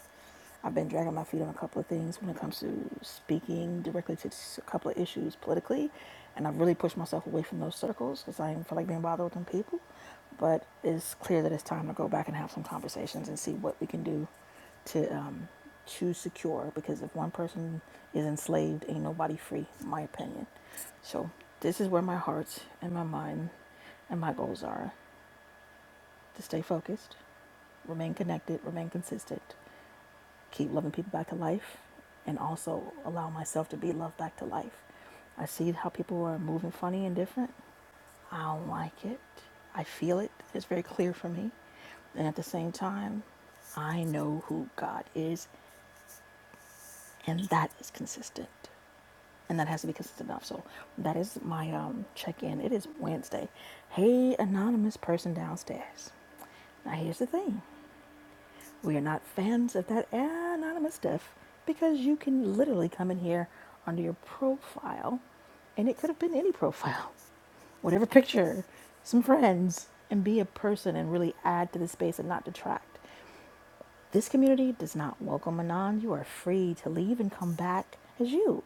[SPEAKER 1] I've been dragging my feet on a couple of things when it comes to speaking directly to a couple of issues politically. And I've really pushed myself away from those circles because I didn't feel like being bothered with them people. But it's clear that it's time to go back and have some conversations and see what we can do to um, choose secure because if one person is enslaved, ain't nobody free, in my opinion. So this is where my heart and my mind and my goals are to stay focused, remain connected, remain consistent, keep loving people back to life, and also allow myself to be loved back to life. I see how people are moving funny and different. I don't like it. I feel it. It's very clear for me. And at the same time, I know who God is and that is consistent and that has to be consistent enough so that is my um check-in it is wednesday hey anonymous person downstairs now here's the thing we are not fans of that anonymous stuff because you can literally come in here under your profile and it could have been any profile whatever picture some friends and be a person and really add to the space and not detract this community does not welcome anon you are free to leave and come back as you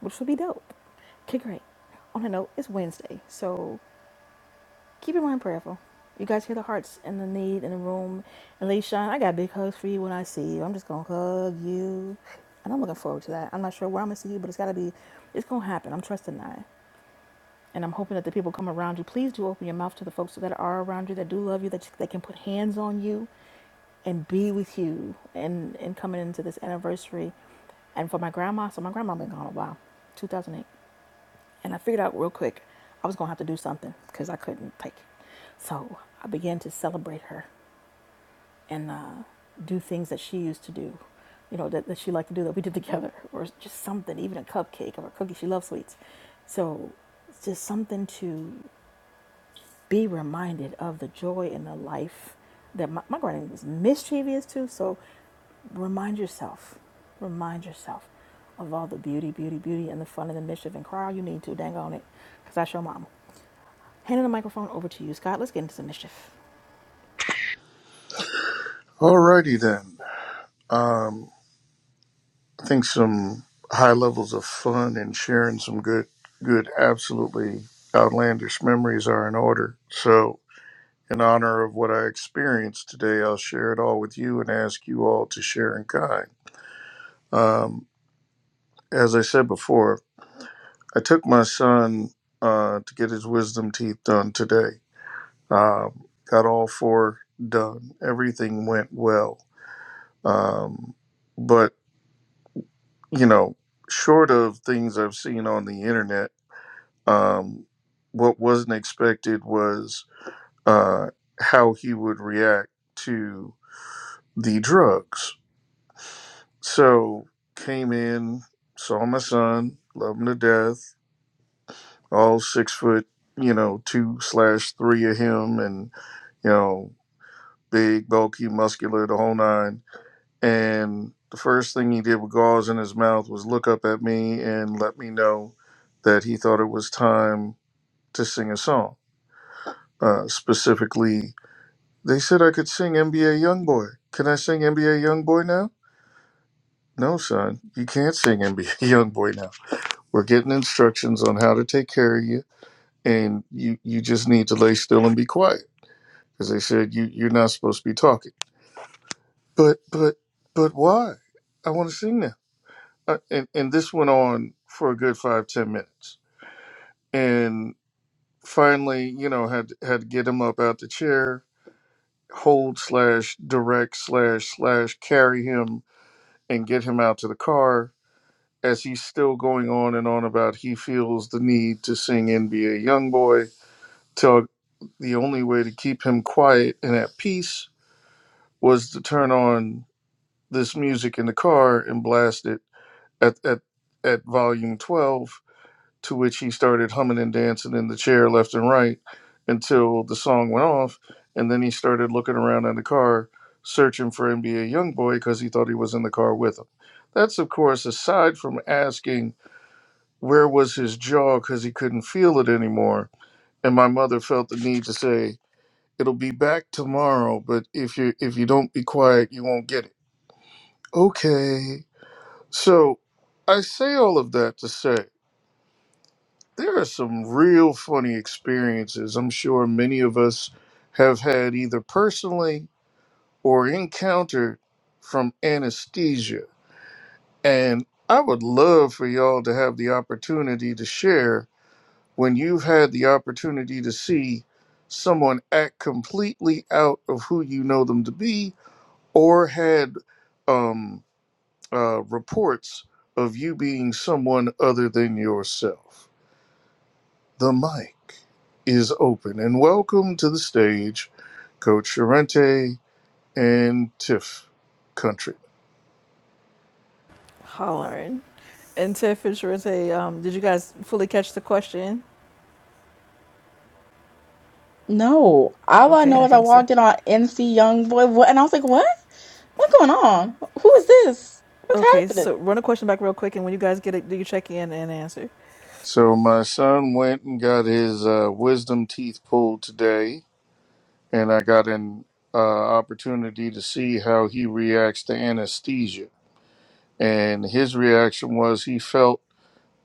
[SPEAKER 1] which would be dope. Okay, great. On a note, it's Wednesday, so keep your mind prayerful. You guys hear the hearts and the need in the room. And Leisha, I got big hugs for you when I see you. I'm just gonna hug you, and I'm looking forward to that. I'm not sure where I'm gonna see you, but it's gotta be, it's gonna happen. I'm trusting that, and I'm hoping that the people come around you. Please do open your mouth to the folks that are around you, that do love you, that that can put hands on you, and be with you and and coming into this anniversary and for my grandma so my grandma been gone a while 2008 and I figured out real quick I was going to have to do something because I couldn't take it. So I began to celebrate her and uh, do things that she used to do, you know, that, that she liked to do that we did together, or just something, even a cupcake or a cookie. She loves sweets. So it's just something to be reminded of the joy and the life that my, my granny was mischievous too. So remind yourself, remind yourself of all the beauty, beauty, beauty, and the fun and the mischief, and cry all you need to, dang on it, because that's your mama. Handing the microphone over to you, Scott. Let's get into some mischief.
[SPEAKER 3] Alrighty then. Um, I think some high levels of fun and sharing some good, good, absolutely outlandish memories are in order. So In honor of what I experienced today, I'll share it all with you and ask you all to share in kind. Um, as I said before, I took my son uh, to get his wisdom teeth done today. Um, got all four done. Everything went well. Um, but, you know, short of things I've seen on the internet, um, what wasn't expected was uh, how he would react to the drugs So came in, saw my son, love him to death, all six foot, you know, two slash three of him and, you know, big, bulky, muscular, the whole nine. And the first thing he did with gauze in his mouth was look up at me and let me know that he thought it was time to sing a song. Uh, specifically, they said I could sing NBA Youngboy. Can I sing NBA Youngboy now? No, son, you can't sing NBA Youngboy now We're getting instructions on how to take care of you, and you you just need to lay still and be quiet because they said you you're not supposed to be talking. But but but why? I want to sing now. Uh, and and this went on for a good five ten minutes, and finally, you know, had had to get him up out the chair, hold slash direct slash slash carry him and get him out to the car as he's still going on and on about he feels the need to sing NBA Youngboy till the only way to keep him quiet and at peace was to turn on this music in the car and blast it at, at, at volume 12, to which he started humming and dancing in the chair left and right until the song went off. And then he started looking around in the car searching for NBA Youngboy because he thought he was in the car with him. That's, of course, aside from asking where was his jaw because he couldn't feel it anymore. And my mother felt the need to say, It'll be back tomorrow, but if you if you don't be quiet, you won't get it. Okay. So I say all of that to say there are some real funny experiences I'm sure many of us have had either personally or encountered from anesthesia. And I would love for y'all to have the opportunity to share when you've had the opportunity to see someone act completely out of who you know them to be or had um, uh, reports of you being someone other than yourself. The mic is open, and welcome to the stage, Coach Sorrente and Tiff Country.
[SPEAKER 1] Hollering. And Ted Fisher is a, um, did you guys fully catch the question?
[SPEAKER 9] No, all I
[SPEAKER 1] Okay,
[SPEAKER 9] know
[SPEAKER 1] I
[SPEAKER 9] is I
[SPEAKER 1] think so.
[SPEAKER 9] walked in on MC Youngboy, what, and I was like, "What? What's going on? Who is this? What's
[SPEAKER 1] Okay,
[SPEAKER 9] happening?"
[SPEAKER 1] so run a question back real quick, and when you guys get it, do you check in and answer?
[SPEAKER 3] So my son went and got his uh, wisdom teeth pulled today, and I got an uh, opportunity to see how he reacts to anesthesia. And his reaction was he felt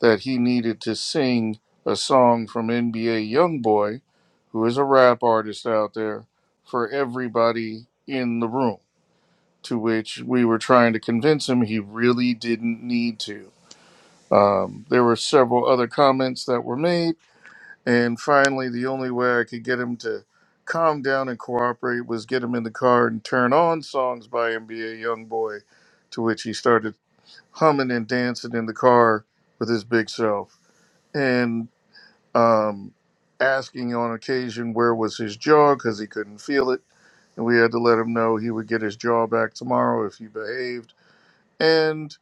[SPEAKER 3] that he needed to sing a song from NBA Youngboy, who is a rap artist out there, for everybody in the room. To which we were trying to convince him he really didn't need to. Um, there were several other comments that were made, and finally, the only way I could get him to calm down and cooperate was get him in the car and turn on songs by NBA Youngboy, to which he started humming and dancing in the car with his big self. And um, asking on occasion where was his jaw because he couldn't feel it, and we had to let him know he would get his jaw back tomorrow if he behaved. And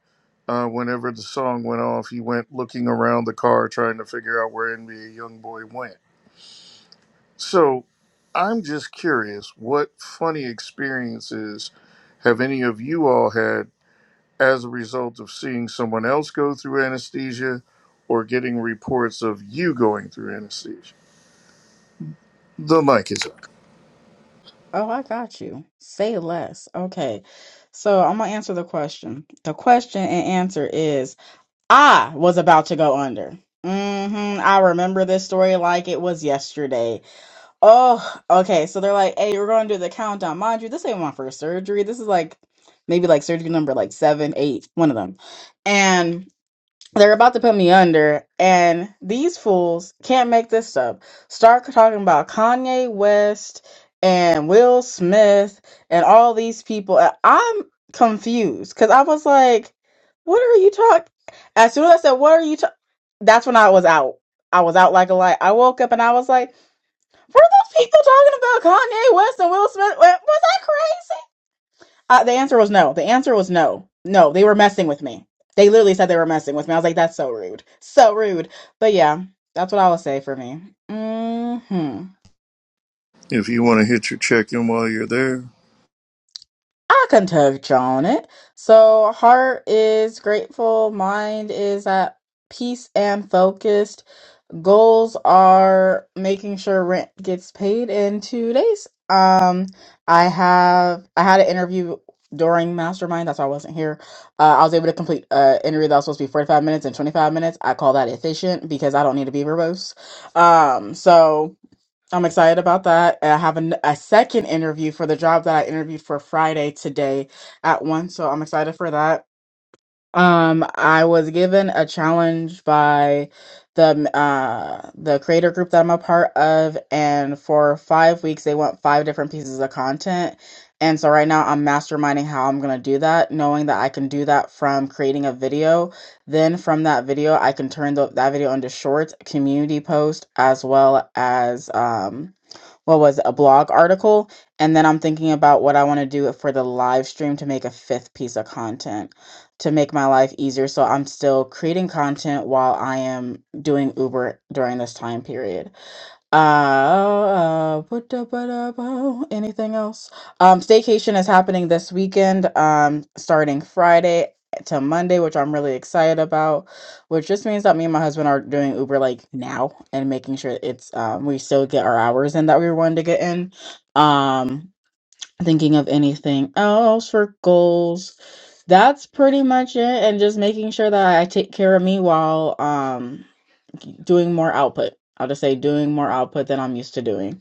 [SPEAKER 3] uh, whenever the song went off, he went looking around the car trying to figure out where NBA YoungBoy went. So I'm just curious, what funny experiences have any of you all had as a result of seeing someone else go through anesthesia? Or getting reports of you going through anesthesia. The mic is up.
[SPEAKER 9] Oh, I got you. Say less. Okay, so I'm gonna answer the question. The question and answer is: I was about to go under. Mm-hmm. I remember this story like it was yesterday. Oh, okay. So they're like, "Hey, we're gonna do the countdown." Mind you, this ain't my first surgery. This is like maybe like surgery number like seven, eight, one of them, and. They're about to put me under, and these fools can't make this up. Start talking about Kanye West and Will Smith and all these people. and I'm confused because I was like, "What are you talking?" As soon as I said, "What are you talking?" That's when I was out. I was out like a light. I woke up and I was like, "Were those people talking about Kanye West and Will Smith? Was I crazy?" Uh, the answer was no. The answer was no. No, they were messing with me. They literally said they were messing with me. I was like, that's so rude. So rude. But yeah, that's what I would say for me. hmm
[SPEAKER 3] If you want to hit your check in while you're there,
[SPEAKER 9] I can touch on it. So heart is grateful. Mind is at peace and focused goals are making sure rent gets paid in two days. Um, I have I had an interview during Mastermind. That's why I wasn't here. Uh, I was able to complete an interview that was supposed to be forty five minutes in twenty five minutes. I call that efficient because I don't need to be verbose. Um, so I'm excited about that. And I have an, a second interview for the job that I interviewed for Friday today at one. So I'm excited for that um, I was given a challenge by the uh the creator group that I'm a part of, and for five weeks they want five different pieces of content. And so right now I'm masterminding how I'm gonna do that, knowing that I can do that from creating a video. Then from that video, I can turn the, that video into shorts, community post, as well as um what was it, a blog article. And then I'm thinking about what I want to do for the live stream to make a fifth piece of content to make my life easier. So I'm still creating content while I am doing Uber during this time period. Uh, put up, put up, oh, anything else? Um, staycation is happening this weekend, um, starting Friday to Monday, which I'm really excited about, which just means that me and my husband are doing Uber like now and making sure it's um we still get our hours in that we were wanting to get in. Um, thinking of anything else for goals. That's pretty much it, and just making sure that I take care of me while um doing more output. I'll just say doing more output than I'm used to doing.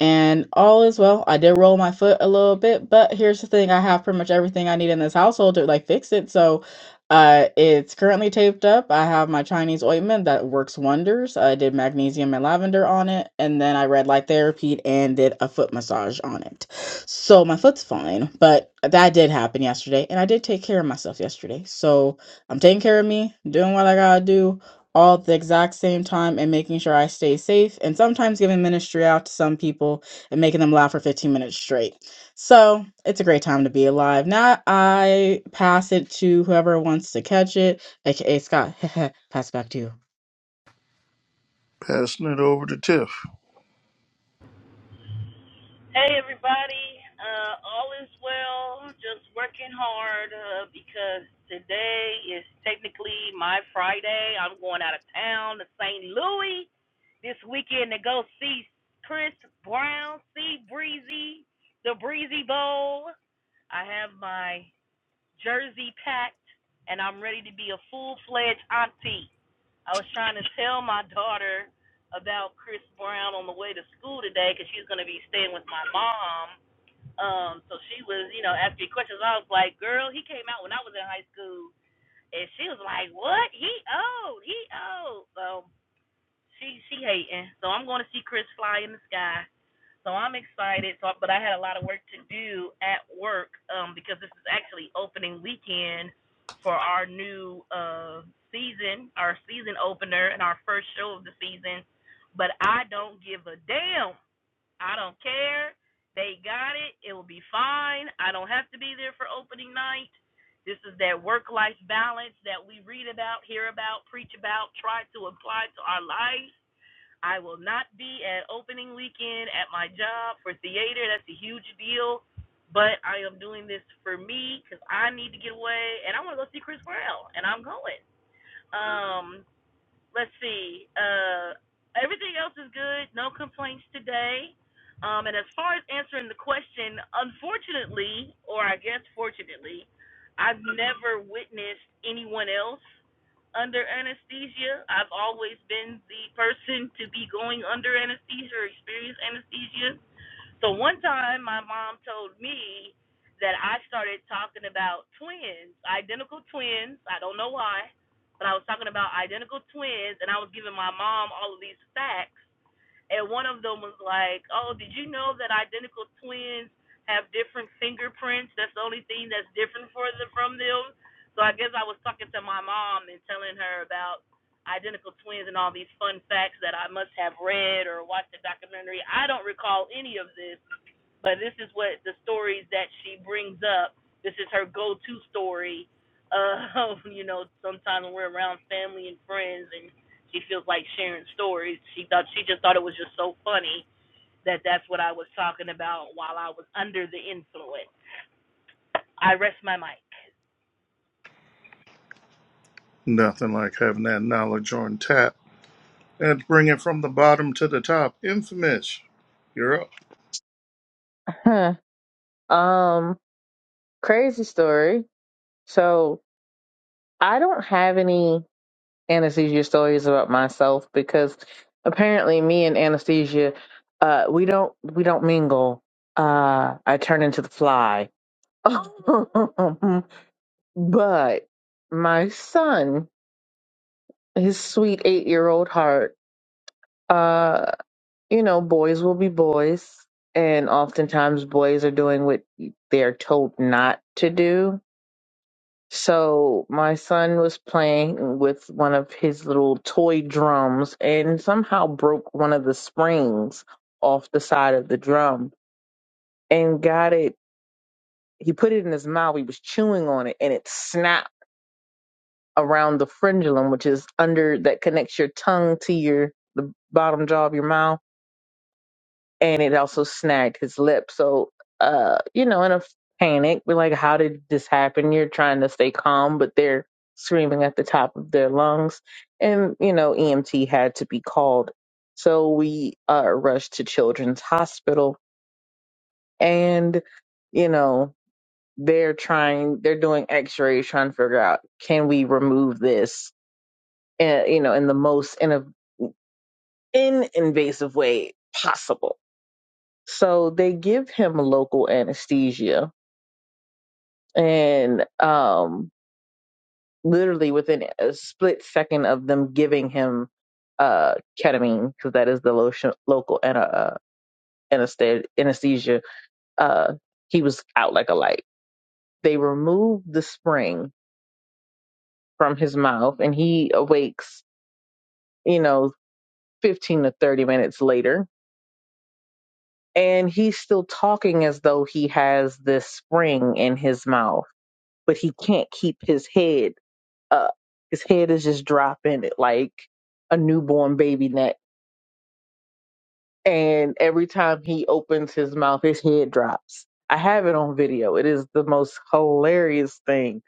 [SPEAKER 9] And all is well. I did roll my foot a little bit, but here's the thing I have pretty much everything I need in this household to like fix it. So uh, it's currently taped up. I have my Chinese ointment that works wonders. I did magnesium and lavender on it. And then I read light therapy and did a foot massage on it. So my foot's fine. But that did happen yesterday. And I did take care of myself yesterday. So I'm taking care of me, doing what I gotta do all at the exact same time and making sure I stay safe and sometimes giving ministry out to some people and making them laugh for 15 minutes straight. So it's a great time to be alive. Now I pass it to whoever wants to catch it, aka Scott. Pass it back to you.
[SPEAKER 3] passing it over to Tiff.
[SPEAKER 10] Hey everybody, uh, all is well. Just working hard uh, because today is technically my Friday. I'm going out of town to St. Louis this weekend to go see Chris Brown, see Breezy, the Breezy Bowl. I have my jersey packed and I'm ready to be a full fledged auntie. I was trying to tell my daughter about Chris Brown on the way to school today because she's going to be staying with my mom. Um, so she was, you know, asking questions. I was like, "Girl, he came out when I was in high school," and she was like, "What? He old? He old?" So she she hating. So I'm going to see Chris fly in the sky. So I'm excited. So, but I had a lot of work to do at work um, because this is actually opening weekend for our new uh, season, our season opener, and our first show of the season. But I don't give a damn. I don't care. They got it. It will be fine. I don't have to be there for opening night. This is that work life balance that we read about, hear about, preach about, try to apply to our life I will not be at opening weekend at my job for theater. That's a huge deal. But I am doing this for me because I need to get away and I want to go see Chris Brown and I'm going. Um, let's see. Uh, everything else is good. No complaints today. Um, and as far as answering the question, unfortunately, or I guess fortunately, I've never witnessed anyone else under anesthesia. I've always been the person to be going under anesthesia or experience anesthesia. So one time, my mom told me that I started talking about twins, identical twins. I don't know why, but I was talking about identical twins, and I was giving my mom all of these facts. And one of them was like, "Oh, did you know that identical twins have different fingerprints? That's the only thing that's different for them from them." So I guess I was talking to my mom and telling her about identical twins and all these fun facts that I must have read or watched a documentary. I don't recall any of this but this is what the stories that she brings up. This is her go-to story. Uh, you know, sometimes when we're around family and friends, and she feels like sharing stories. She thought she just thought it was just so funny that that's what I was talking about while I was under the influence. I rest my mic.
[SPEAKER 3] Nothing like having that knowledge on tap. And bring it from the bottom to the top. Infamous. You're up.
[SPEAKER 8] Huh. Um, crazy story. So I don't have any anesthesia stories about myself because apparently me and anesthesia uh we don't we don't mingle uh i turn into the fly but my son his sweet eight year old heart uh you know boys will be boys and oftentimes boys are doing what they're told not to do So my son was playing with one of his little toy drums and somehow broke one of the springs off the side of the drum and got it. He put it in his mouth. He was chewing on it and it snapped around the frenulum, which is under that connects your tongue to your bottom jaw of your mouth and it also snagged his lip. So, uh, you know, in a panic, we're like, how did this happen? You're trying to stay calm, but they're screaming at the top of their lungs. And, you know, EMT had to be called. So we uh, rushed to Children's Hospital and, you know, they're trying, they're doing x rays, trying to figure out can we remove this, uh, you know, in the most in a, in invasive way possible So they give him local anesthesia. And um, literally within a split second of them giving him uh, ketamine, because that is the lotion, local ana- uh, anesthesia, anesthesia uh, he was out like a light. They remove the spring from his mouth and he awakes, you know, 15 to 30 minutes later. And he's still talking as though he has this spring in his mouth, but he can't keep his head up. His head is just dropping it like a newborn baby neck. And every time he opens his mouth, his head drops. I have it on video. It is the most hilarious thing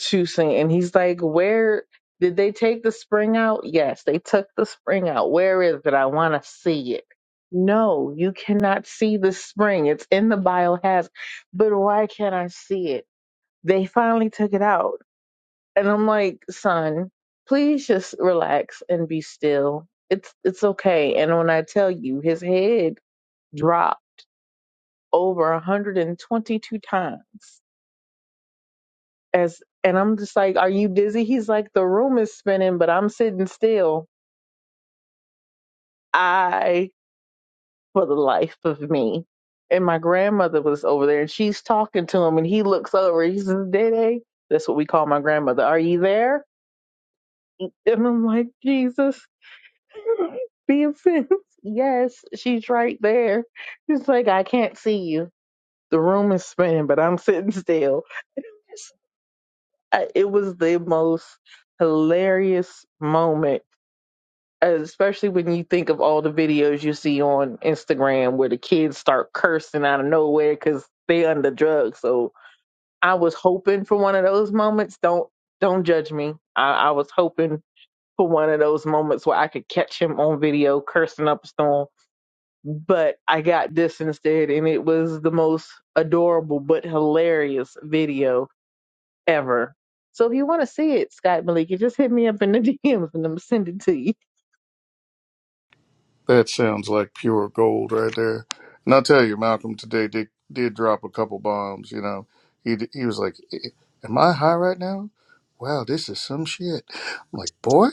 [SPEAKER 8] to see. And he's like, Where did they take the spring out? Yes, they took the spring out. Where is it? I want to see it. No, you cannot see the spring. It's in the biohazard. But why can't I see it? They finally took it out and I'm like, son, please just relax and be still. It's it's okay. And when I tell you, his head dropped over 122 times. As and I'm just like, are you dizzy? He's like, the room is spinning, but I'm sitting still. I, for the life of me. And my grandmother was over there, and she's talking to him, and he looks over. He says, Dede, that's what we call my grandmother. Are you there? And I'm like, Jesus. Being fence. Yes, she's right there. It's like I can't see you. The room is spinning, but I'm sitting still. I- It was the most hilarious moment, especially when you think of all the videos you see on Instagram where the kids start cursing out of nowhere because they under drugs. So I was hoping for one of those moments. Don't don't judge me. I, I was hoping for one of those moments where I could catch him on video cursing up a storm but I got this instead, and it was the most adorable but hilarious video ever. So if you want to see it, Scott Malika, just hit me up in the DMs and I'm send it to you.
[SPEAKER 3] That sounds like pure gold right there. And I'll tell you, Malcolm today did, did drop a couple bombs. You know, he he was like, "Eh, "Am I high right now? Wow, this is some shit." I'm like, "Boy,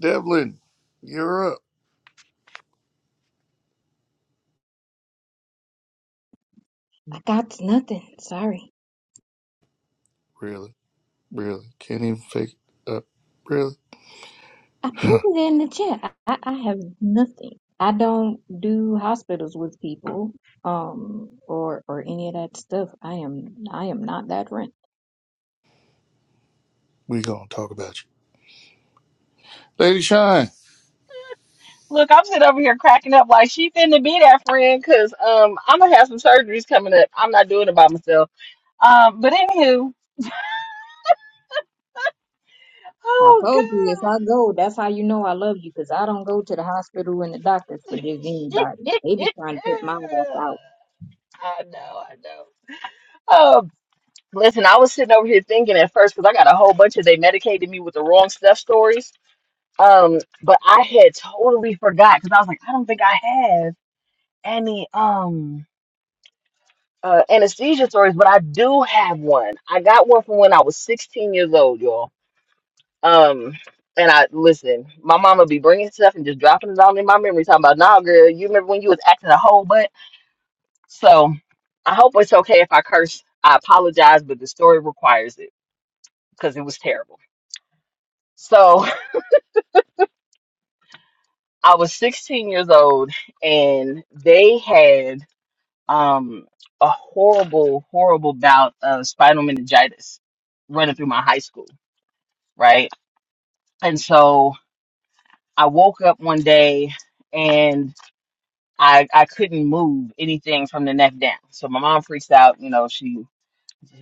[SPEAKER 3] Devlin, you're up."
[SPEAKER 6] I I got nothing. Sorry.
[SPEAKER 3] Really, really, can't even fake it up. Really,
[SPEAKER 6] I put it in the chat. I, I have nothing. I don't do hospitals with people, um, or or any of that stuff. I am I am not that rent.
[SPEAKER 3] we gonna talk about you. Lady Shine.
[SPEAKER 7] Look, I'm sitting over here cracking up like she finna be that friend because um I'm gonna have some surgeries coming up. I'm not doing it by myself. Um, but anywho,
[SPEAKER 6] I
[SPEAKER 7] oh
[SPEAKER 6] told you if
[SPEAKER 7] god,
[SPEAKER 6] I go, that's how you know I love you, cause I don't go to the hospital and the doctors for just anybody. They be trying to put my ass out.
[SPEAKER 7] I know, I know. Um, listen, I was sitting over here thinking at first because I got a whole bunch of they medicated me with the wrong stuff stories. Um, but I had totally forgot because I was like, I don't think I have any. Um. uh, anesthesia stories, but I do have one. I got one from when I was 16 years old, y'all. Um, and I listen, my mama be bringing stuff and just dropping it all in my memory, talking about, nah, girl, you remember when you was acting a whole butt? So I hope it's okay if I curse. I apologize, but the story requires it because it was terrible. So I was 16 years old, and they had um a horrible, horrible bout of spinal meningitis running through my high school, right? And so I woke up one day and I I couldn't move anything from the neck down. So my mom freaks out, you know, she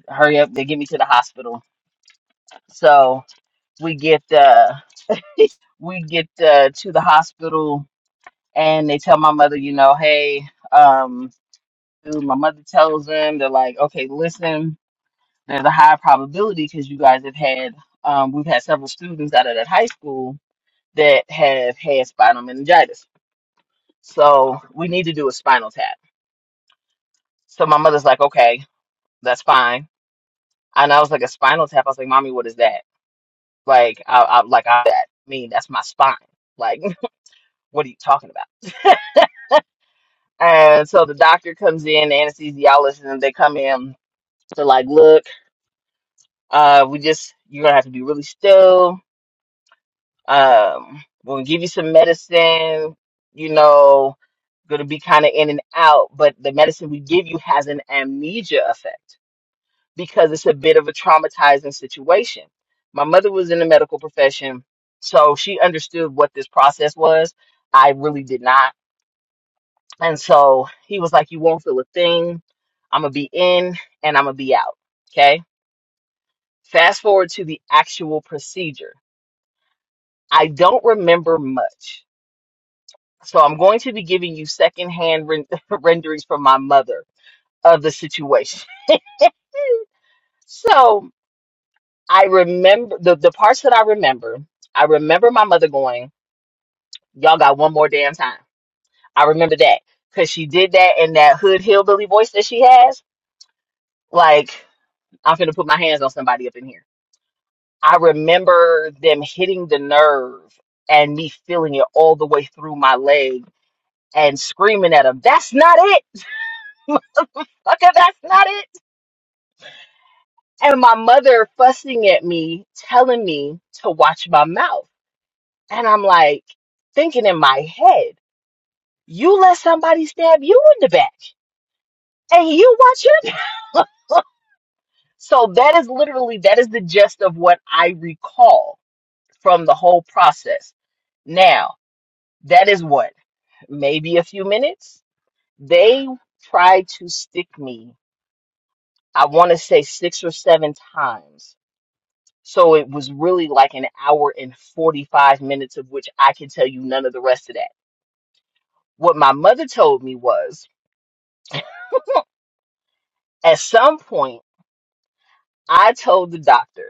[SPEAKER 7] hurry up, they get me to the hospital. So we get uh we get uh, to the hospital and they tell my mother, you know, hey, um dude, my mother tells them they're like, okay, listen, there's a high probability because you guys have had um we've had several students out of that high school that have had spinal meningitis. So we need to do a spinal tap. So my mother's like, okay, that's fine. And I was like, a spinal tap. I was like, mommy, what is that? Like, I, I like I that mean that's my spine. Like, what are you talking about? And so the doctor comes in, the anesthesiologist, and they come in. They're like, look, uh, we just you're gonna have to be really still. Um, we're gonna give you some medicine. You know, gonna be kind of in and out, but the medicine we give you has an amnesia effect. because it's a bit of a traumatizing situation. My mother was in the medical profession, so she understood what this process was. I really did not. And so he was like, You won't feel a thing. I'm going to be in and I'm going to be out. Okay. Fast forward to the actual procedure. I don't remember much. So I'm going to be giving you secondhand ren- renderings from my mother of the situation. so I remember the, the parts that I remember. I remember my mother going, Y'all got one more damn time. I remember that because she did that in that hood hillbilly voice that she has. Like, I'm finna put my hands on somebody up in here. I remember them hitting the nerve and me feeling it all the way through my leg and screaming at them, That's not it. Okay, that's not it. And my mother fussing at me, telling me to watch my mouth. And I'm like, thinking in my head. You let somebody stab you in the back and you watch your mouth. So that is literally that is the gist of what I recall from the whole process. Now, that is what maybe a few minutes. They tried to stick me. I want to say 6 or 7 times. So it was really like an hour and 45 minutes of which I can tell you none of the rest of that. What my mother told me was "Hmm, at some point I told the doctor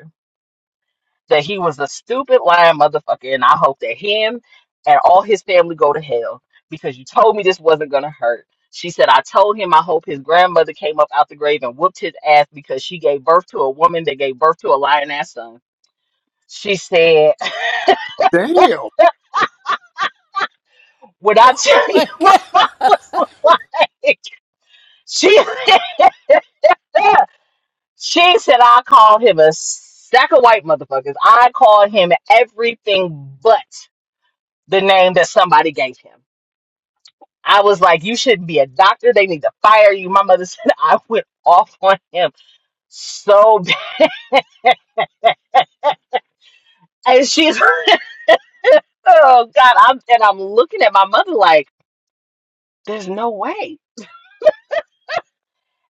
[SPEAKER 7] that he was a stupid lying motherfucker, and I hope that him and all his family go to hell because you told me this wasn't gonna hurt. She said, I told him I hope his grandmother came up out the grave and whooped his ass because she gave birth to a woman that gave birth to a lying ass son. She said,
[SPEAKER 3] Damn.
[SPEAKER 7] When I
[SPEAKER 1] Oh
[SPEAKER 7] tell you
[SPEAKER 1] my
[SPEAKER 7] what
[SPEAKER 1] god.
[SPEAKER 7] I was like, she said, she said I called him a sack of white motherfuckers. I called him everything but the name that somebody gave him. I was like, you shouldn't be a doctor. They need to fire you. My mother said I went off on him so bad. And she's oh God. I'm and I'm looking at my mother like, there's no way.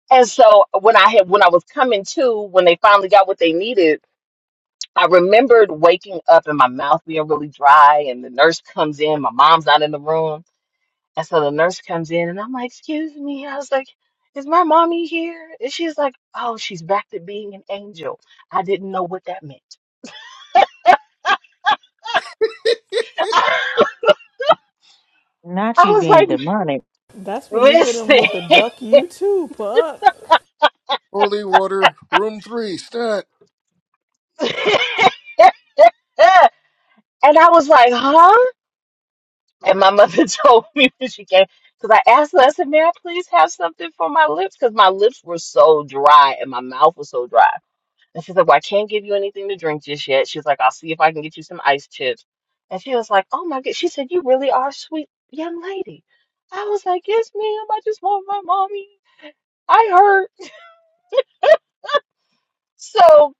[SPEAKER 7] And so when I had when I was coming to, when they finally got what they needed, I remembered waking up and my mouth being really dry and the nurse comes in, my mom's not in the room. And so the nurse comes in and I'm like, excuse me. I was like, is my mommy here? And she's like, oh, she's back to being an angel. I didn't know what that meant. I
[SPEAKER 8] Not you
[SPEAKER 7] was
[SPEAKER 8] being
[SPEAKER 7] like,
[SPEAKER 8] demonic.
[SPEAKER 1] That's when you hit him
[SPEAKER 7] listen.
[SPEAKER 1] with the duck you too, pup.
[SPEAKER 3] Holy water, room three, stat.
[SPEAKER 7] and I was like, huh? And my mother told me when she came, because I asked her, I said, may I please have something for my lips? Because my lips were so dry and my mouth was so dry. And she said, Well, I can't give you anything to drink just yet. She was like, I'll see if I can get you some ice chips. And she was like, Oh my God. She said, You really are a sweet young lady. I was like, Yes, ma'am. I just want my mommy. I hurt." So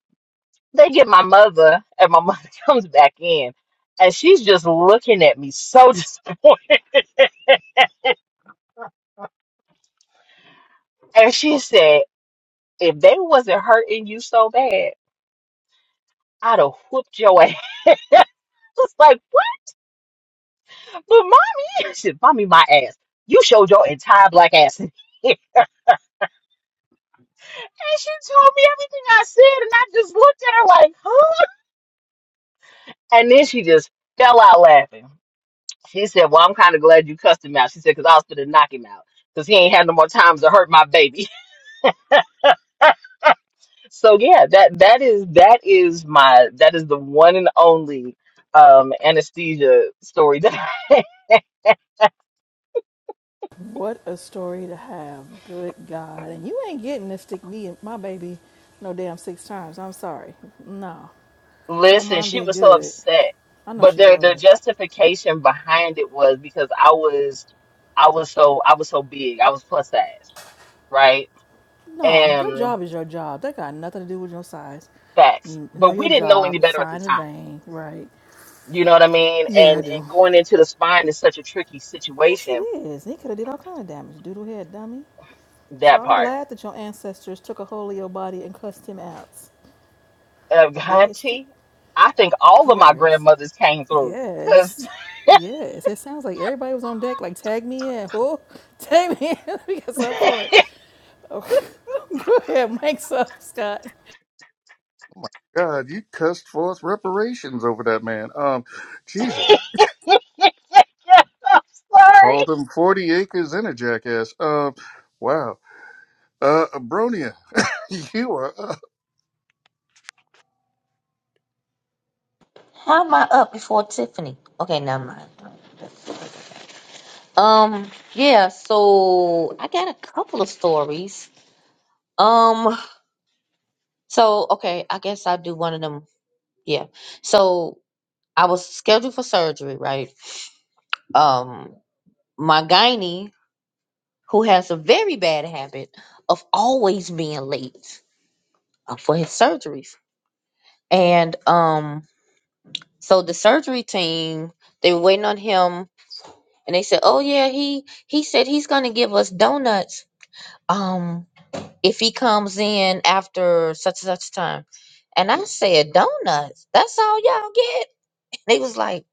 [SPEAKER 7] they get my mother, and my mother comes back in, and she's just looking at me so disappointed. And she said, If they wasn't hurting you so bad, I'd have whooped your ass. It's like, But mommy, shit, mommy, my ass. You showed your entire black ass. and she told me everything I said, and I just looked at her like, huh? And then she just fell out laughing. She said, Well, I'm kind of glad you cussed him out. She said, Because I was going to knock him out. Because he ain't had no more times to hurt my baby. So yeah, that that is that is my that is the one and only um anesthesia story that
[SPEAKER 1] What a story to have. Good God. And you ain't getting to stick me and my baby no damn six times. I'm sorry. No. Your
[SPEAKER 7] Listen,
[SPEAKER 1] mom
[SPEAKER 7] she
[SPEAKER 1] did
[SPEAKER 7] was so
[SPEAKER 1] good.
[SPEAKER 7] upset.
[SPEAKER 1] I know
[SPEAKER 7] But
[SPEAKER 1] she
[SPEAKER 7] their their
[SPEAKER 1] was.
[SPEAKER 7] justification behind it was because I was I was so I was so big. I was plus size, right?
[SPEAKER 1] No, your
[SPEAKER 7] And
[SPEAKER 1] job is your job. That got nothing to do with your size.
[SPEAKER 7] facts.
[SPEAKER 1] N- Know
[SPEAKER 7] But we
[SPEAKER 1] your
[SPEAKER 7] didn't know any
[SPEAKER 1] job,
[SPEAKER 7] better at the
[SPEAKER 1] fine and
[SPEAKER 7] time.
[SPEAKER 1] vain, right?
[SPEAKER 7] You know what I mean?
[SPEAKER 1] Yeah, I
[SPEAKER 7] And
[SPEAKER 1] do.
[SPEAKER 7] and going into the spine is such a tricky
[SPEAKER 1] Yes, it
[SPEAKER 7] situation,
[SPEAKER 1] is. He could have did all kind of damage, doodle head dummy. So
[SPEAKER 7] that
[SPEAKER 1] I'm
[SPEAKER 7] part.
[SPEAKER 1] glad that your ancestors took a hold of your body and cussed him out.
[SPEAKER 7] Uh,
[SPEAKER 1] Bested.
[SPEAKER 7] auntie, I think all of my
[SPEAKER 1] Hilarious.
[SPEAKER 7] grandmothers came through
[SPEAKER 1] Yes. Yes. It sounds like everybody was on deck, like, tag me in. Who? Tag me in. we got
[SPEAKER 7] 'Cause
[SPEAKER 1] something for it. Okay. Go ahead, mic's up, Scott.
[SPEAKER 3] God, you cussed forth reparations over that man. Um, Jesus,
[SPEAKER 7] I'm sorry.
[SPEAKER 3] called him 40 acres and a jackass. Um, wow. Uh, Abronia, you are up.
[SPEAKER 2] How am I up before Tiffany? Okay, never mind. Um, yeah, so I got a couple of stories. Um, so okay, I guess I'll do one of them. Yeah. So I was scheduled for surgery, right? Um, my gynae, who has a very bad habit of always being late uh, for his surgeries. And um, so the surgery team, they were waiting on him and they said, Oh yeah, he he said he's gonna give us donuts. Um if he comes in after such and such time. And I said, Donuts, that's all y'all get? They was like,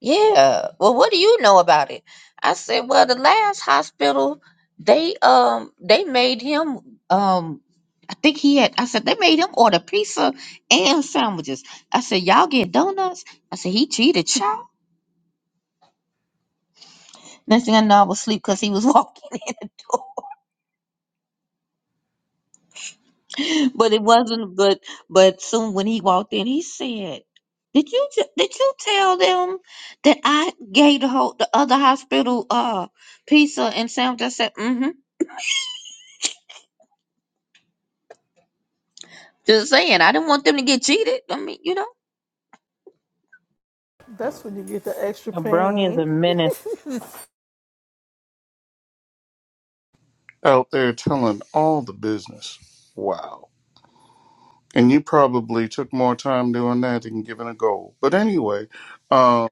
[SPEAKER 2] Yeah. Well, what do you know about it? I said, Well, the last hospital, they um they made him um I think he had I said they made him order pizza and sandwiches. I said, Y'all get donuts? I said, he cheated, child. Next thing I know I was asleep because he was walking in. but it wasn't but but soon when he walked in he said did you t- did you tell them that i gave the whole the other hospital uh pizza and sandwich i said mm-hmm just saying i didn't want them to get cheated i mean you know
[SPEAKER 1] That's when you get the extra
[SPEAKER 8] A brony is a
[SPEAKER 1] pain.
[SPEAKER 8] menace.
[SPEAKER 3] out there telling all the business. Wow. And you probably took more time doing that than giving a goal. But anyway, um,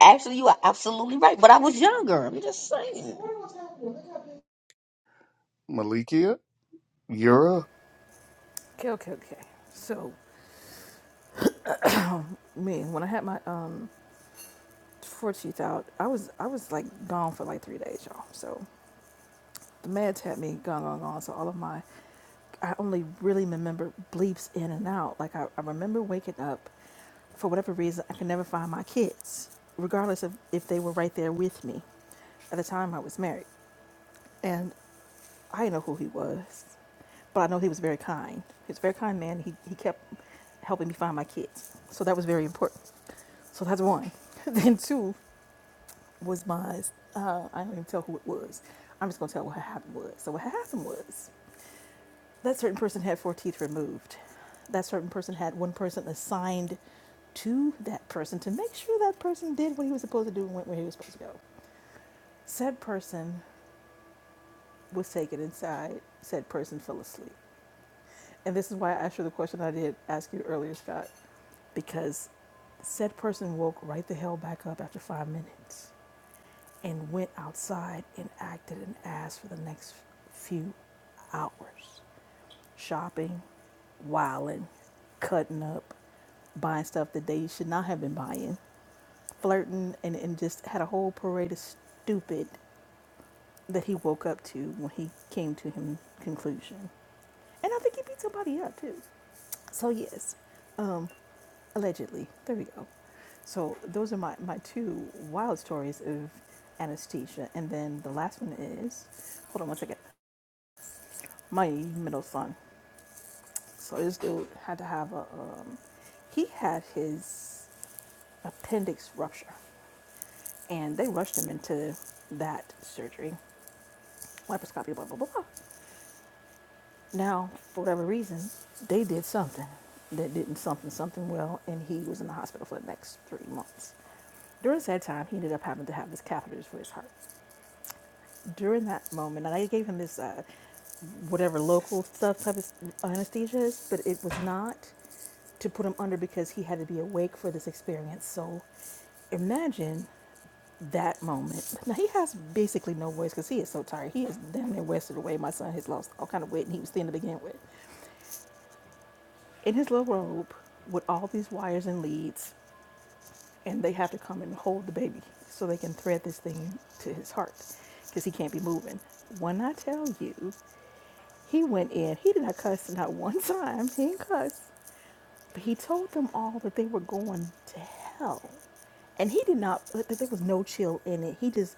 [SPEAKER 2] actually you are absolutely right but i was younger i'm just saying
[SPEAKER 3] Malikia, you're a
[SPEAKER 1] Okay, okay, okay. So me, when I had my um four teeth out, I was I was like gone for like three days, y'all. So the meds had me gone, gone, gone. So all of my I only really remember bleeps in and out. Like I, I remember waking up for whatever reason I could never find my kids, regardless of if they were right there with me. At the time I was married. And I didn't know who he was. But I know he was very kind. He was a very kind man. He he kept helping me find my kids. So that was very important. So that's one. then two, was my, uh, I don't even tell who it was. I'm just going to tell what happened was. So what happened was that certain person had four teeth removed. That certain person had one person assigned to that person to make sure that person did what he was supposed to do and went where he was supposed to go. Said person was taken inside. Said person fell asleep. And this is why I asked you the question I did ask you earlier, Scott, because said person woke right the hell back up after five minutes and went outside and acted an ass for the next few hours shopping, wilding, cutting up, buying stuff that they should not have been buying, flirting, and, and just had a whole parade of stupid that he woke up to when he came to him conclusion. And I think he beat somebody up too. So yes, allegedly. There we go. So those are my, my two wild stories of anesthesia. And then the last one is, hold on one second, my middle son. So this dude had to have a, um, he had his appendix rupture. And they rushed him into that surgery, laparoscopy, blah, blah, blah, blah. Now, for whatever reason, they did something that didn't something something well, and he was in the hospital for the next three months. During that time, he ended up having to have these catheters for his heart. During that moment, and I gave him this uh, whatever local stuff type of anesthesia is, but it was not to put him under because he had to be awake for this experience. So imagine that moment. But now he has basically no voice because he is so tired. He is damn near wasted away. My son has lost all kind of weight and he was thin to begin with. In his little robe with all these wires and leads, and they have to come and hold the baby so they can thread this thing to his heart because he can't be moving. When I tell you, he went in, he did not cuss not one time. He didn't cuss. But He told them all that they were going to hell. And he did not, that there was no chill in it. He just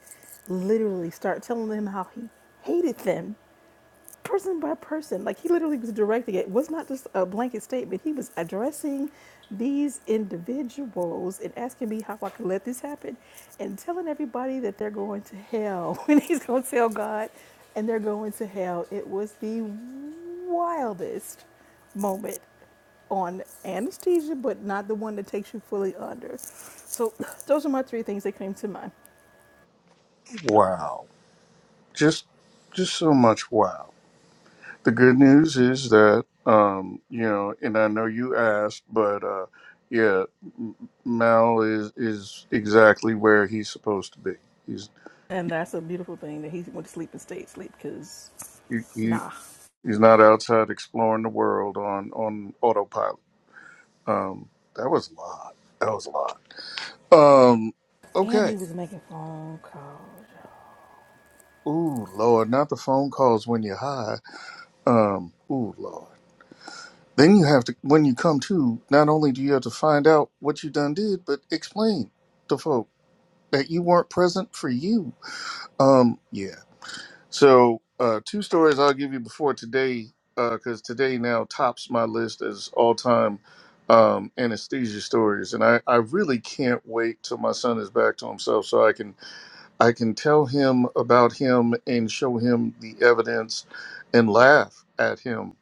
[SPEAKER 1] literally started telling them how he hated them, person by person. Like he literally was directing it. It was not just a blanket statement. He was addressing these individuals and asking me how I could let this happen and telling everybody that they're going to hell. And he's going to tell God and they're going to hell. It was the wildest moment on anesthesia, but not the one that takes you fully under. So those are my three things that came to mind.
[SPEAKER 3] wow. Just, just so much wow. The good news is that, um, you know, and I know you asked, but uh, yeah, M- Mal is is exactly where he's supposed to be. He's
[SPEAKER 1] And that's a beautiful thing that he went to sleep and stayed asleep because,
[SPEAKER 3] he, he
[SPEAKER 1] nah.
[SPEAKER 3] he's not outside exploring the world on on autopilot. Um, that was a lot. That was a lot. Um,
[SPEAKER 1] And he
[SPEAKER 3] okay.
[SPEAKER 1] was making phone calls.
[SPEAKER 3] Ooh, Lord, not the phone calls when you're high. Um, ooh, Lord. Then you have to, when you come to, not only do you have to find out what you done did, but explain to folks that you weren't present for you. Um, yeah. So uh, two stories I'll give you before today, because today now tops my list as all time um, anesthesia stories, and I, I really can't wait till my son is back to himself so I can I can tell him about him and show him the evidence and laugh at him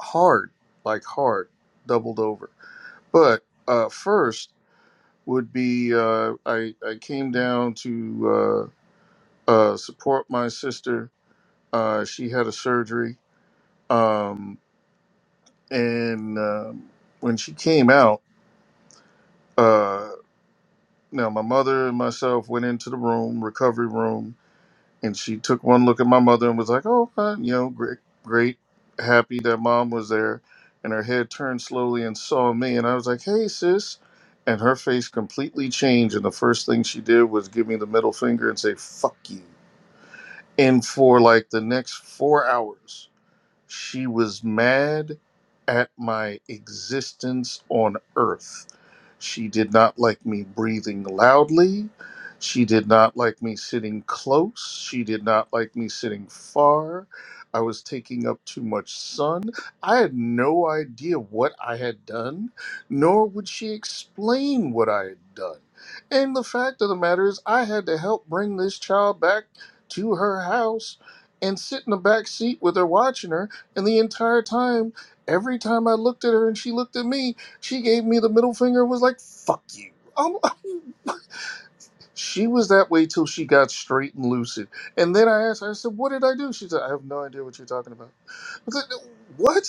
[SPEAKER 3] hard, like hard, doubled over. But uh, first would be uh, I I came down to. uh, uh, support my sister. Uh, she had a surgery, um, and um, when she came out, uh, now my mother and myself went into the room, recovery room, and she took one look at my mother and was like, "Oh, uh, you know, great, great, happy that mom was there." And her head turned slowly and saw me, and I was like, "Hey, sis." And her face completely changed, and the first thing she did was give me the middle finger and say "fuck you." And for like the next four hours, She was mad at my existence on earth. She did not like me breathing loudly. She did not like me sitting close. She did not like me sitting far. I was taking up too much sun. I had no idea what I had done, nor would she explain what I had done. And the fact of the matter is, I had to help bring this child back to her house and sit in the back seat with her watching her and the entire time, every time I looked at her and she looked at me, she gave me the middle finger and was like, fuck you. I'm, she was that way till she got straight and lucid. And then I asked her, I said, what did I do? She said, I have no idea what you're talking about. I said, what?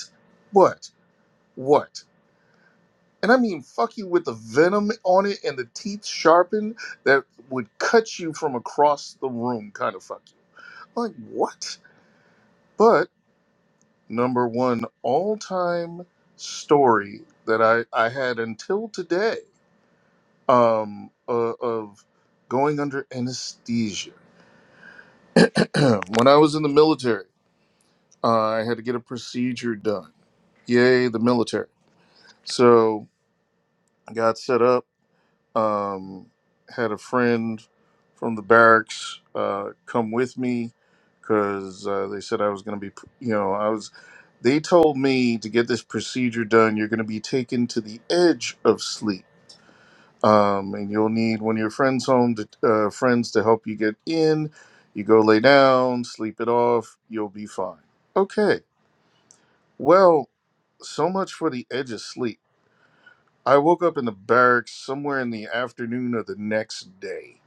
[SPEAKER 3] What? What? And I mean, fuck you with the venom on it and the teeth sharpened that would cut you from across the room, kind of fuck you. Like, what? But. number one all time story that I, I had until today um, uh, of going under anesthesia. when I was in the military, uh, I had to get a procedure done. Yay, the military. So I got set up Um, had a friend from the barracks uh, come with me because uh, they said I was going to be, you know, I was. They told me to get this procedure done. You're going to be taken to the edge of sleep, um, and you'll need one of your friends home to uh, friends to help you get in. You go lay down, sleep it off. You'll be fine. Okay. Well, so much for the edge of sleep. I woke up in the barracks somewhere in the afternoon of the next day.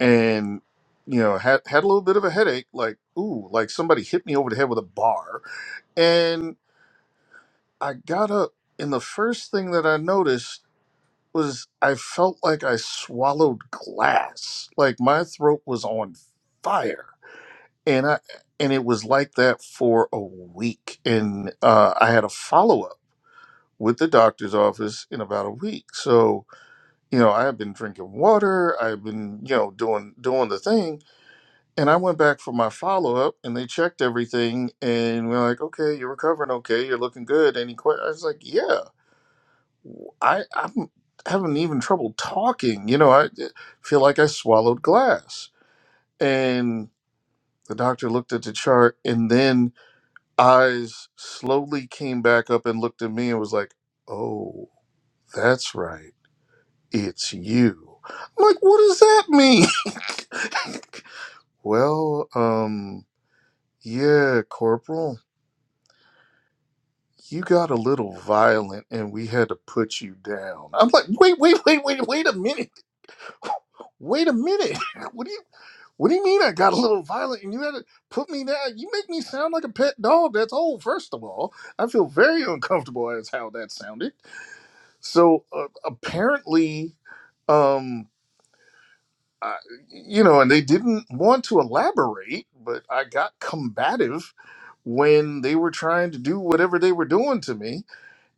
[SPEAKER 3] and you know had had a little bit of a headache like ooh like somebody hit me over the head with a bar and i got up and the first thing that i noticed was i felt like i swallowed glass like my throat was on fire and i and it was like that for a week and uh, i had a follow-up with the doctor's office in about a week so you know i have been drinking water i've been you know doing doing the thing And I went back for my follow up, and they checked everything, and we're like, "Okay, you're recovering. Okay, you're looking good." Any questions? I was like, "Yeah, I I'm having even trouble talking. You know, I eh, feel like I swallowed glass." And the doctor looked at the chart, and then eyes slowly came back up and looked at me and was like, "Oh, that's right, it's you." I'm like, "What does that mean?" well, um. Yeah, Corporal. you got a little violent and we had to put you down. I'm like, wait, wait, wait, wait, wait a minute. Wait a minute. What do you what do you mean I got a little violent and you had to put me down? You make me sound like a pet dog that's old, first of all. I feel very uncomfortable as how that sounded. So uh, apparently, um I, you know, and they didn't want to elaborate, but I got combative when they were trying to do whatever they were doing to me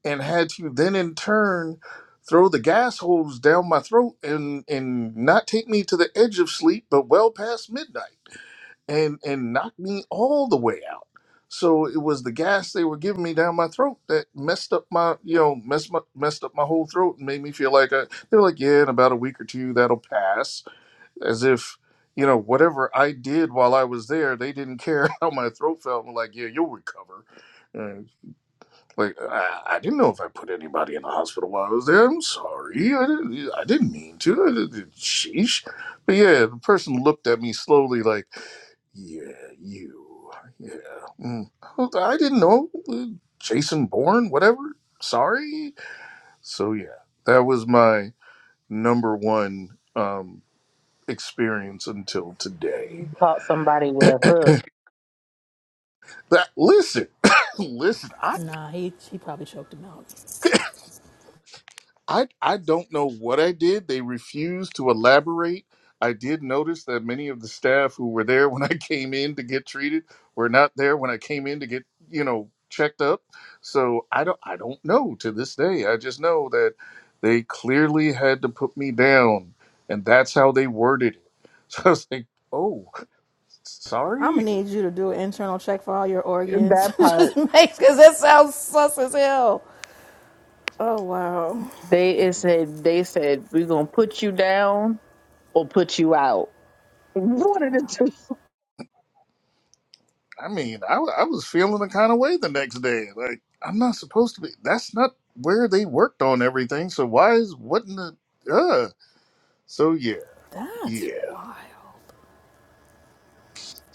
[SPEAKER 3] and had you then in turn throw the gas hose down my throat and and not take me to the edge of sleep but well past midnight and and knock me all the way out so it was the gas they were giving me down my throat that messed up my you know messed my, messed up my whole throat and made me feel like I, they were like yeah in about a week or two that'll pass as if you know whatever i did while i was there they didn't care how my throat felt like yeah you'll recover like, I, I didn't know if I put anybody in the hospital while I was there. I'm sorry. I didn't, I didn't mean to. I didn't- sheesh. But yeah, the person looked at me slowly, like, yeah, you. Yeah. Mm. Well, I didn't know. Uh, Jason Bourne, whatever. Sorry. So yeah, that was my number one um, experience until today.
[SPEAKER 8] You caught somebody with a hook.
[SPEAKER 3] That listen, listen.
[SPEAKER 1] Nah, he he probably choked him out.
[SPEAKER 3] I I don't know what I did. They refused to elaborate. I did notice that many of the staff who were there when I came in to get treated were not there when I came in to get, you know, checked up. So I don't I don't know to this day. I just know that they clearly had to put me down and that's how they worded it. So I was like, "Oh,
[SPEAKER 1] I'm
[SPEAKER 3] sorry."
[SPEAKER 1] gonna need you to do an internal check for all your organs.
[SPEAKER 8] That
[SPEAKER 1] Just
[SPEAKER 8] part,
[SPEAKER 1] make, cause that sounds sus as hell. Oh wow.
[SPEAKER 8] they it said they said we're gonna put you down or put you out. One of the two.
[SPEAKER 3] I mean, I, wa- I was feeling a kind of way the next day. Like, I'm not supposed to be. That's not where they worked on everything. So why is what in the uh? So yeah,
[SPEAKER 1] That's
[SPEAKER 3] yeah.
[SPEAKER 1] wild.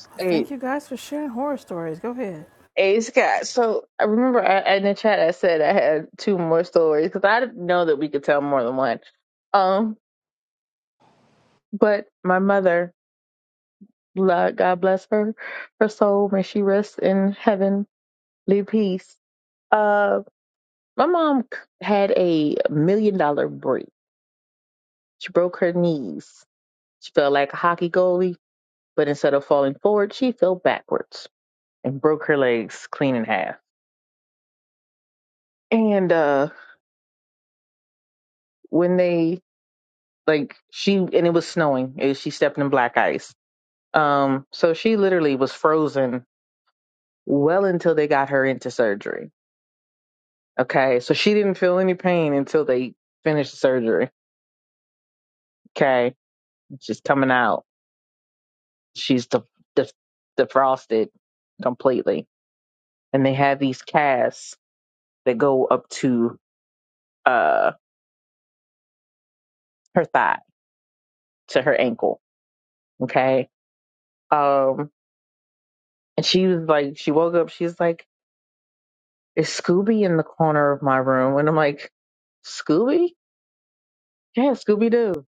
[SPEAKER 1] Well,
[SPEAKER 8] states.
[SPEAKER 1] thank you guys for sharing horror stories. Go ahead.
[SPEAKER 8] Ace Scott. So I remember I, in the chat I said I had two more stories because I didn't know that we could tell more than one. Um, but my mother, lo- God bless her, her soul may she rest in heavenly peace. Uh, my mom c- had a million dollar break. She broke her knees. She fell like a hockey goalie, but instead of falling forward, she fell backwards and broke her legs clean in half. And uh, when they like she and it was snowing and she stepped in black ice um so she literally was frozen well until they got her into surgery okay so she didn't feel any pain until they finished the surgery okay she's coming out she's de- de- defrosted completely and they have these casts that go up to uh her thigh to her ankle okay um and she was like she woke up she's like is Scooby in the corner of my room? And I'm like, Scooby? Yeah, Scooby Doo.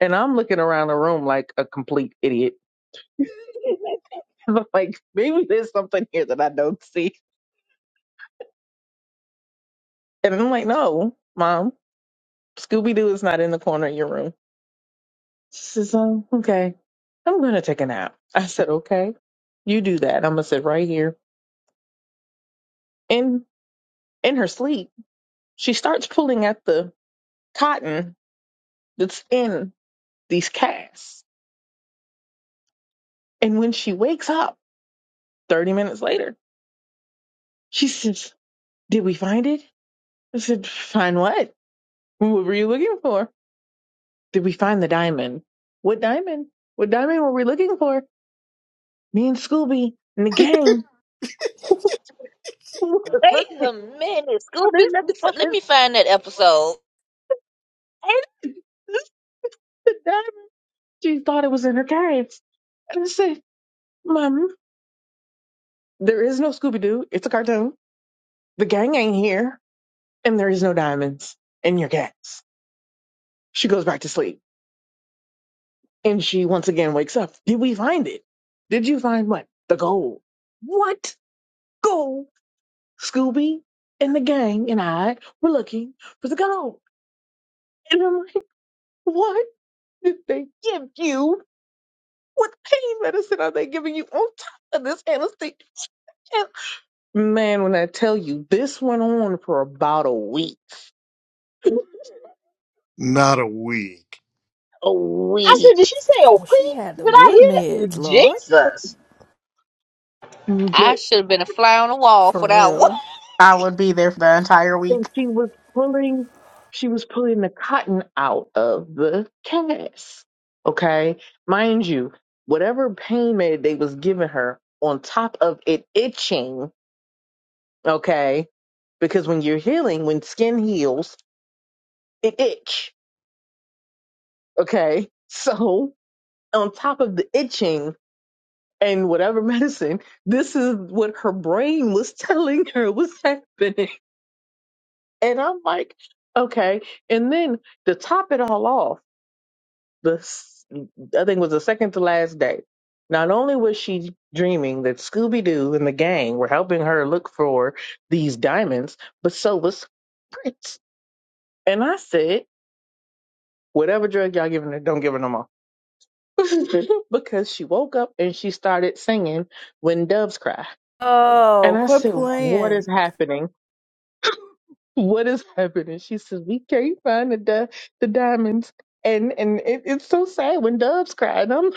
[SPEAKER 8] And I'm looking around the room like a complete idiot. And I'm like, maybe there's something here that I don't see. And I'm like, no, mom, Scooby Doo is not in the corner of your room. She says, oh, okay, I'm going to take a nap. I said, okay, you do that. I'm going to sit right here. In, in her sleep, she starts pulling at the cotton that's in these casts. And when she wakes up, 30 minutes later, she says, Did we find it? I said, Find what? What were you looking for? Did we find the diamond? What diamond? What diamond were we looking for? Me and Scooby and the gang were looking for this
[SPEAKER 2] wait a
[SPEAKER 8] diamond.
[SPEAKER 2] minute
[SPEAKER 8] And
[SPEAKER 2] scooby looking for let me find that episode
[SPEAKER 8] this is the diamond. She thought it was in her cave. And I said, Mom, there is no Scooby Doo. It's a cartoon. The gang ain't here. And there is no diamonds in your cats.' She goes back to sleep. And she once again wakes up. Did we find it? Did you find what? The gold. What gold? Scooby and the gang and I were looking for the gold. And I'm like, what did they give you? What pain medicine are they giving you on top of this anesthesia? Man, when I tell you, this went on for about a week.
[SPEAKER 3] Not a week.
[SPEAKER 8] A
[SPEAKER 7] I said,
[SPEAKER 8] week.
[SPEAKER 7] did she say old
[SPEAKER 1] Oh, she had
[SPEAKER 7] freak?
[SPEAKER 1] the
[SPEAKER 7] Did I
[SPEAKER 1] good
[SPEAKER 7] hear that?
[SPEAKER 1] meds, Lord.
[SPEAKER 7] Jesus.
[SPEAKER 8] but.
[SPEAKER 2] i should have been a fly on the wall
[SPEAKER 1] For
[SPEAKER 2] for that one
[SPEAKER 1] real.
[SPEAKER 9] I would be there for the entire week.
[SPEAKER 8] and she was pulling she was pulling the cotton out of the cast okay mind you whatever pain med they was giving her on top of it itching okay because when you're healing when skin heals it itch okay so on top of the itching and whatever medicine this is what her brain was telling her was happening and i'm like okay and then to top it all off the s- I think it was the second to last day. Not only was she dreaming that Scooby Doo and the gang were helping her look for these diamonds, but so was Prince. And I said, whatever drug y'all giving her, don't give her no more. because she woke up and she started singing When Doves Cry.
[SPEAKER 1] Oh,
[SPEAKER 8] And I
[SPEAKER 1] quit
[SPEAKER 8] said, What
[SPEAKER 1] playing.
[SPEAKER 8] is happening? What is happening? She says, We can't find the di- the diamonds. And and it, it's so sad when doves cry. And I'm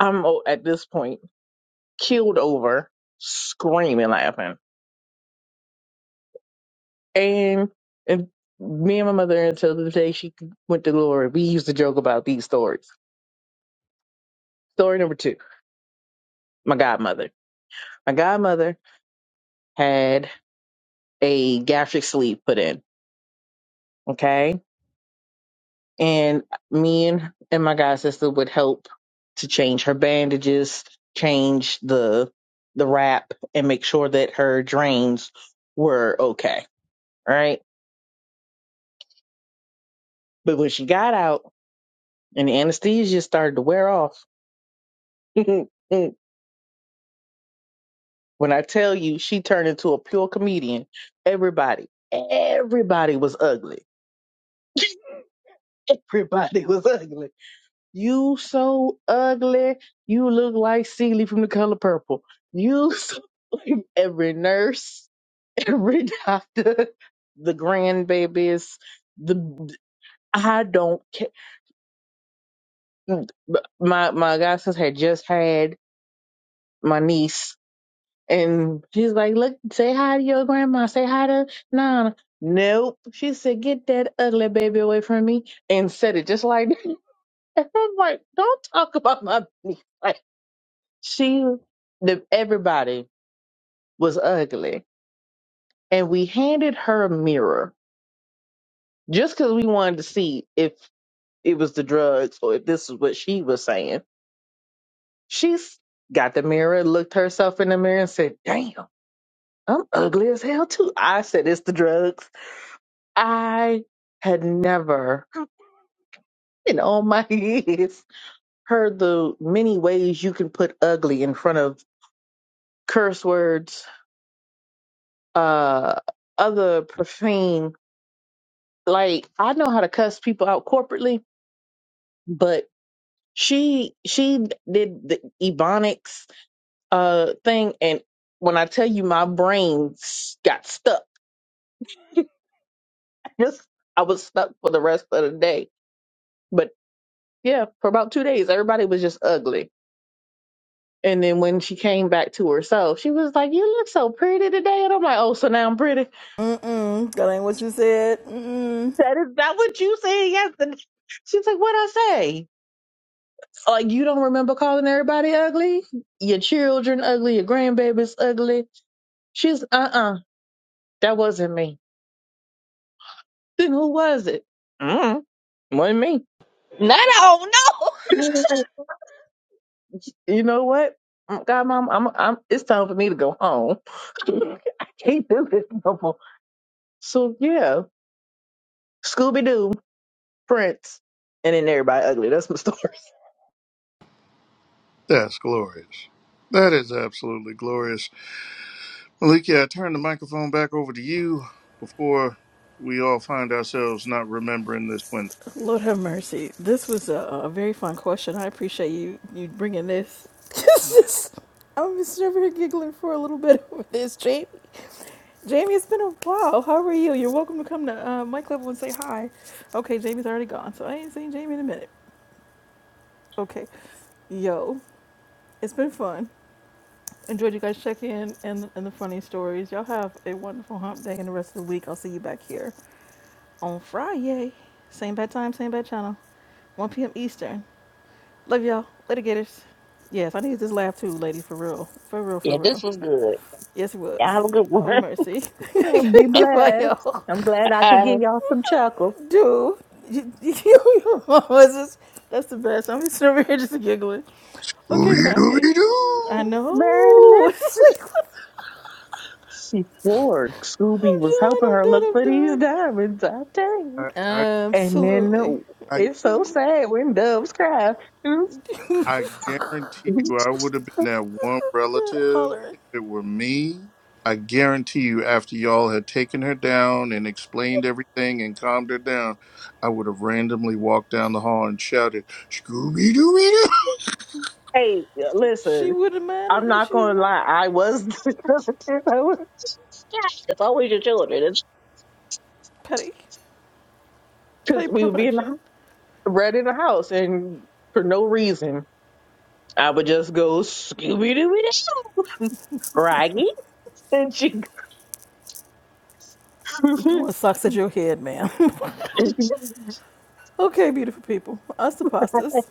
[SPEAKER 8] I'm old at this point killed over, screaming, laughing. And and me and my mother until the day she went to glory, we used to joke about these stories. Story number two, my godmother. My godmother had a gastric sleeve put in. Okay. And me and, and my god sister would help to change her bandages, change the the wrap, and make sure that her drains were okay. All right. But when she got out and the anesthesia started to wear off, Mm, mm. when I tell you she turned into a pure comedian, everybody, everybody was ugly. Everybody was ugly. You so ugly. You look like Seeley from the color purple. You so every nurse, every doctor, the grandbabies, the I don't care. My my godson had just had my niece And she's like, look, say hi to your grandma. Say hi to Nana. Nope. She said, get that ugly baby away from me and said it just like that. And I'm like, don't talk about my baby. Like, she, the, everybody was ugly. And we handed her a mirror just because we wanted to see if it was the drugs or if this is what she was saying. She's got the mirror, looked herself in the mirror and said, damn, I'm ugly as hell too. I said, it's the drugs. I had never in all my years heard the many ways you can put ugly in front of curse words, uh, other profane. Like I know how to cuss people out corporately, but she she did the ebonics uh thing, and when I tell you, my brain s- got stuck. Just I was stuck for the rest of the day. But yeah, for about two days, everybody was just ugly And then when she came back to herself, she was like, "You look so pretty today." And I'm like, "Oh, so now I'm pretty."
[SPEAKER 1] Mm-mm. That ain't what you said. Mm-mm.
[SPEAKER 8] That is not what you said yesterday. She's like, "What I say? Like you don't remember calling everybody ugly? Your children ugly? Your grandbabies ugly?" She's, "Uh, uh that wasn't me." Then who was it? Mm, wasn't me.
[SPEAKER 2] not i don't know
[SPEAKER 8] you know what? God, mom, I'm, I'm. It's time for me to go home. I can't do this no more. So yeah, Scooby Doo. Prince, and then everybody ugly. That's my story.
[SPEAKER 3] That's glorious. That is absolutely glorious. Malika, I turn the microphone back over to you before we all find ourselves not remembering this one.
[SPEAKER 1] Lord have mercy. This was a, a very fun question. I appreciate you you bringing this. I'm just over here giggling for a little bit over this, Jamie. Jamie, it's been a while. How are you? You're welcome to come to uh, my club and say hi. Okay, Jamie's already gone, so I ain't seen Jamie in a minute. Okay, yo, it's been fun. Enjoyed you guys checking in and, and the funny stories. Y'all have a wonderful hump day and the rest of the week. I'll see you back here on Friday. Same bad time, same bad channel. 1 p.m. Eastern. Love y'all. Later, gators. Yes, I needed this laugh too, lady, for real. For real,
[SPEAKER 2] yeah
[SPEAKER 1] for
[SPEAKER 2] this
[SPEAKER 1] real.
[SPEAKER 2] was good
[SPEAKER 1] Yes, it
[SPEAKER 2] y'all have a
[SPEAKER 1] was.
[SPEAKER 2] good one
[SPEAKER 1] Holy mercy.
[SPEAKER 8] Oh, Be
[SPEAKER 1] Goodbye,
[SPEAKER 8] blessed.
[SPEAKER 1] y'all.
[SPEAKER 8] I'm glad I
[SPEAKER 2] All
[SPEAKER 8] could
[SPEAKER 2] right.
[SPEAKER 8] give y'all some chuckles.
[SPEAKER 1] Dude, you, you, your mama was just, that's the best. I'm just over here just giggling. Okay,
[SPEAKER 3] Ooby
[SPEAKER 1] family.
[SPEAKER 3] Dooby
[SPEAKER 1] I
[SPEAKER 3] Doo.
[SPEAKER 1] know.
[SPEAKER 8] Marilyn,
[SPEAKER 1] It's like, what?
[SPEAKER 8] she floored. Scooby
[SPEAKER 1] I'm
[SPEAKER 8] was helping
[SPEAKER 1] done, I'm
[SPEAKER 8] her
[SPEAKER 1] done,
[SPEAKER 8] look
[SPEAKER 1] I'm
[SPEAKER 8] for these
[SPEAKER 1] done.
[SPEAKER 8] diamonds, I tell you.
[SPEAKER 3] I,
[SPEAKER 8] And then
[SPEAKER 1] Absolutely.
[SPEAKER 8] uh,
[SPEAKER 3] I,
[SPEAKER 8] it's so sad when doves cry.
[SPEAKER 3] I guarantee you, I would have been that one relative
[SPEAKER 1] Hollering.
[SPEAKER 3] if it were me. I guarantee you, after y'all had taken her down and explained everything and calmed her down, I would have randomly walked down the hall and shouted, Scooby Dooby
[SPEAKER 8] hey,
[SPEAKER 1] She
[SPEAKER 8] listen,
[SPEAKER 1] would have
[SPEAKER 8] I'm
[SPEAKER 1] minded
[SPEAKER 8] not
[SPEAKER 1] she would have
[SPEAKER 8] gonna
[SPEAKER 1] been
[SPEAKER 8] lie. I was, I was it's always your children. It's
[SPEAKER 1] petty. Petty
[SPEAKER 8] because we would be in the
[SPEAKER 1] perfection.
[SPEAKER 8] house, bred in the house, and for no reason. I would just go Scooby Doo Doo, Raggy, and she.
[SPEAKER 1] Throwing socks at your head, ma'am. okay, beautiful people. Us the pastas.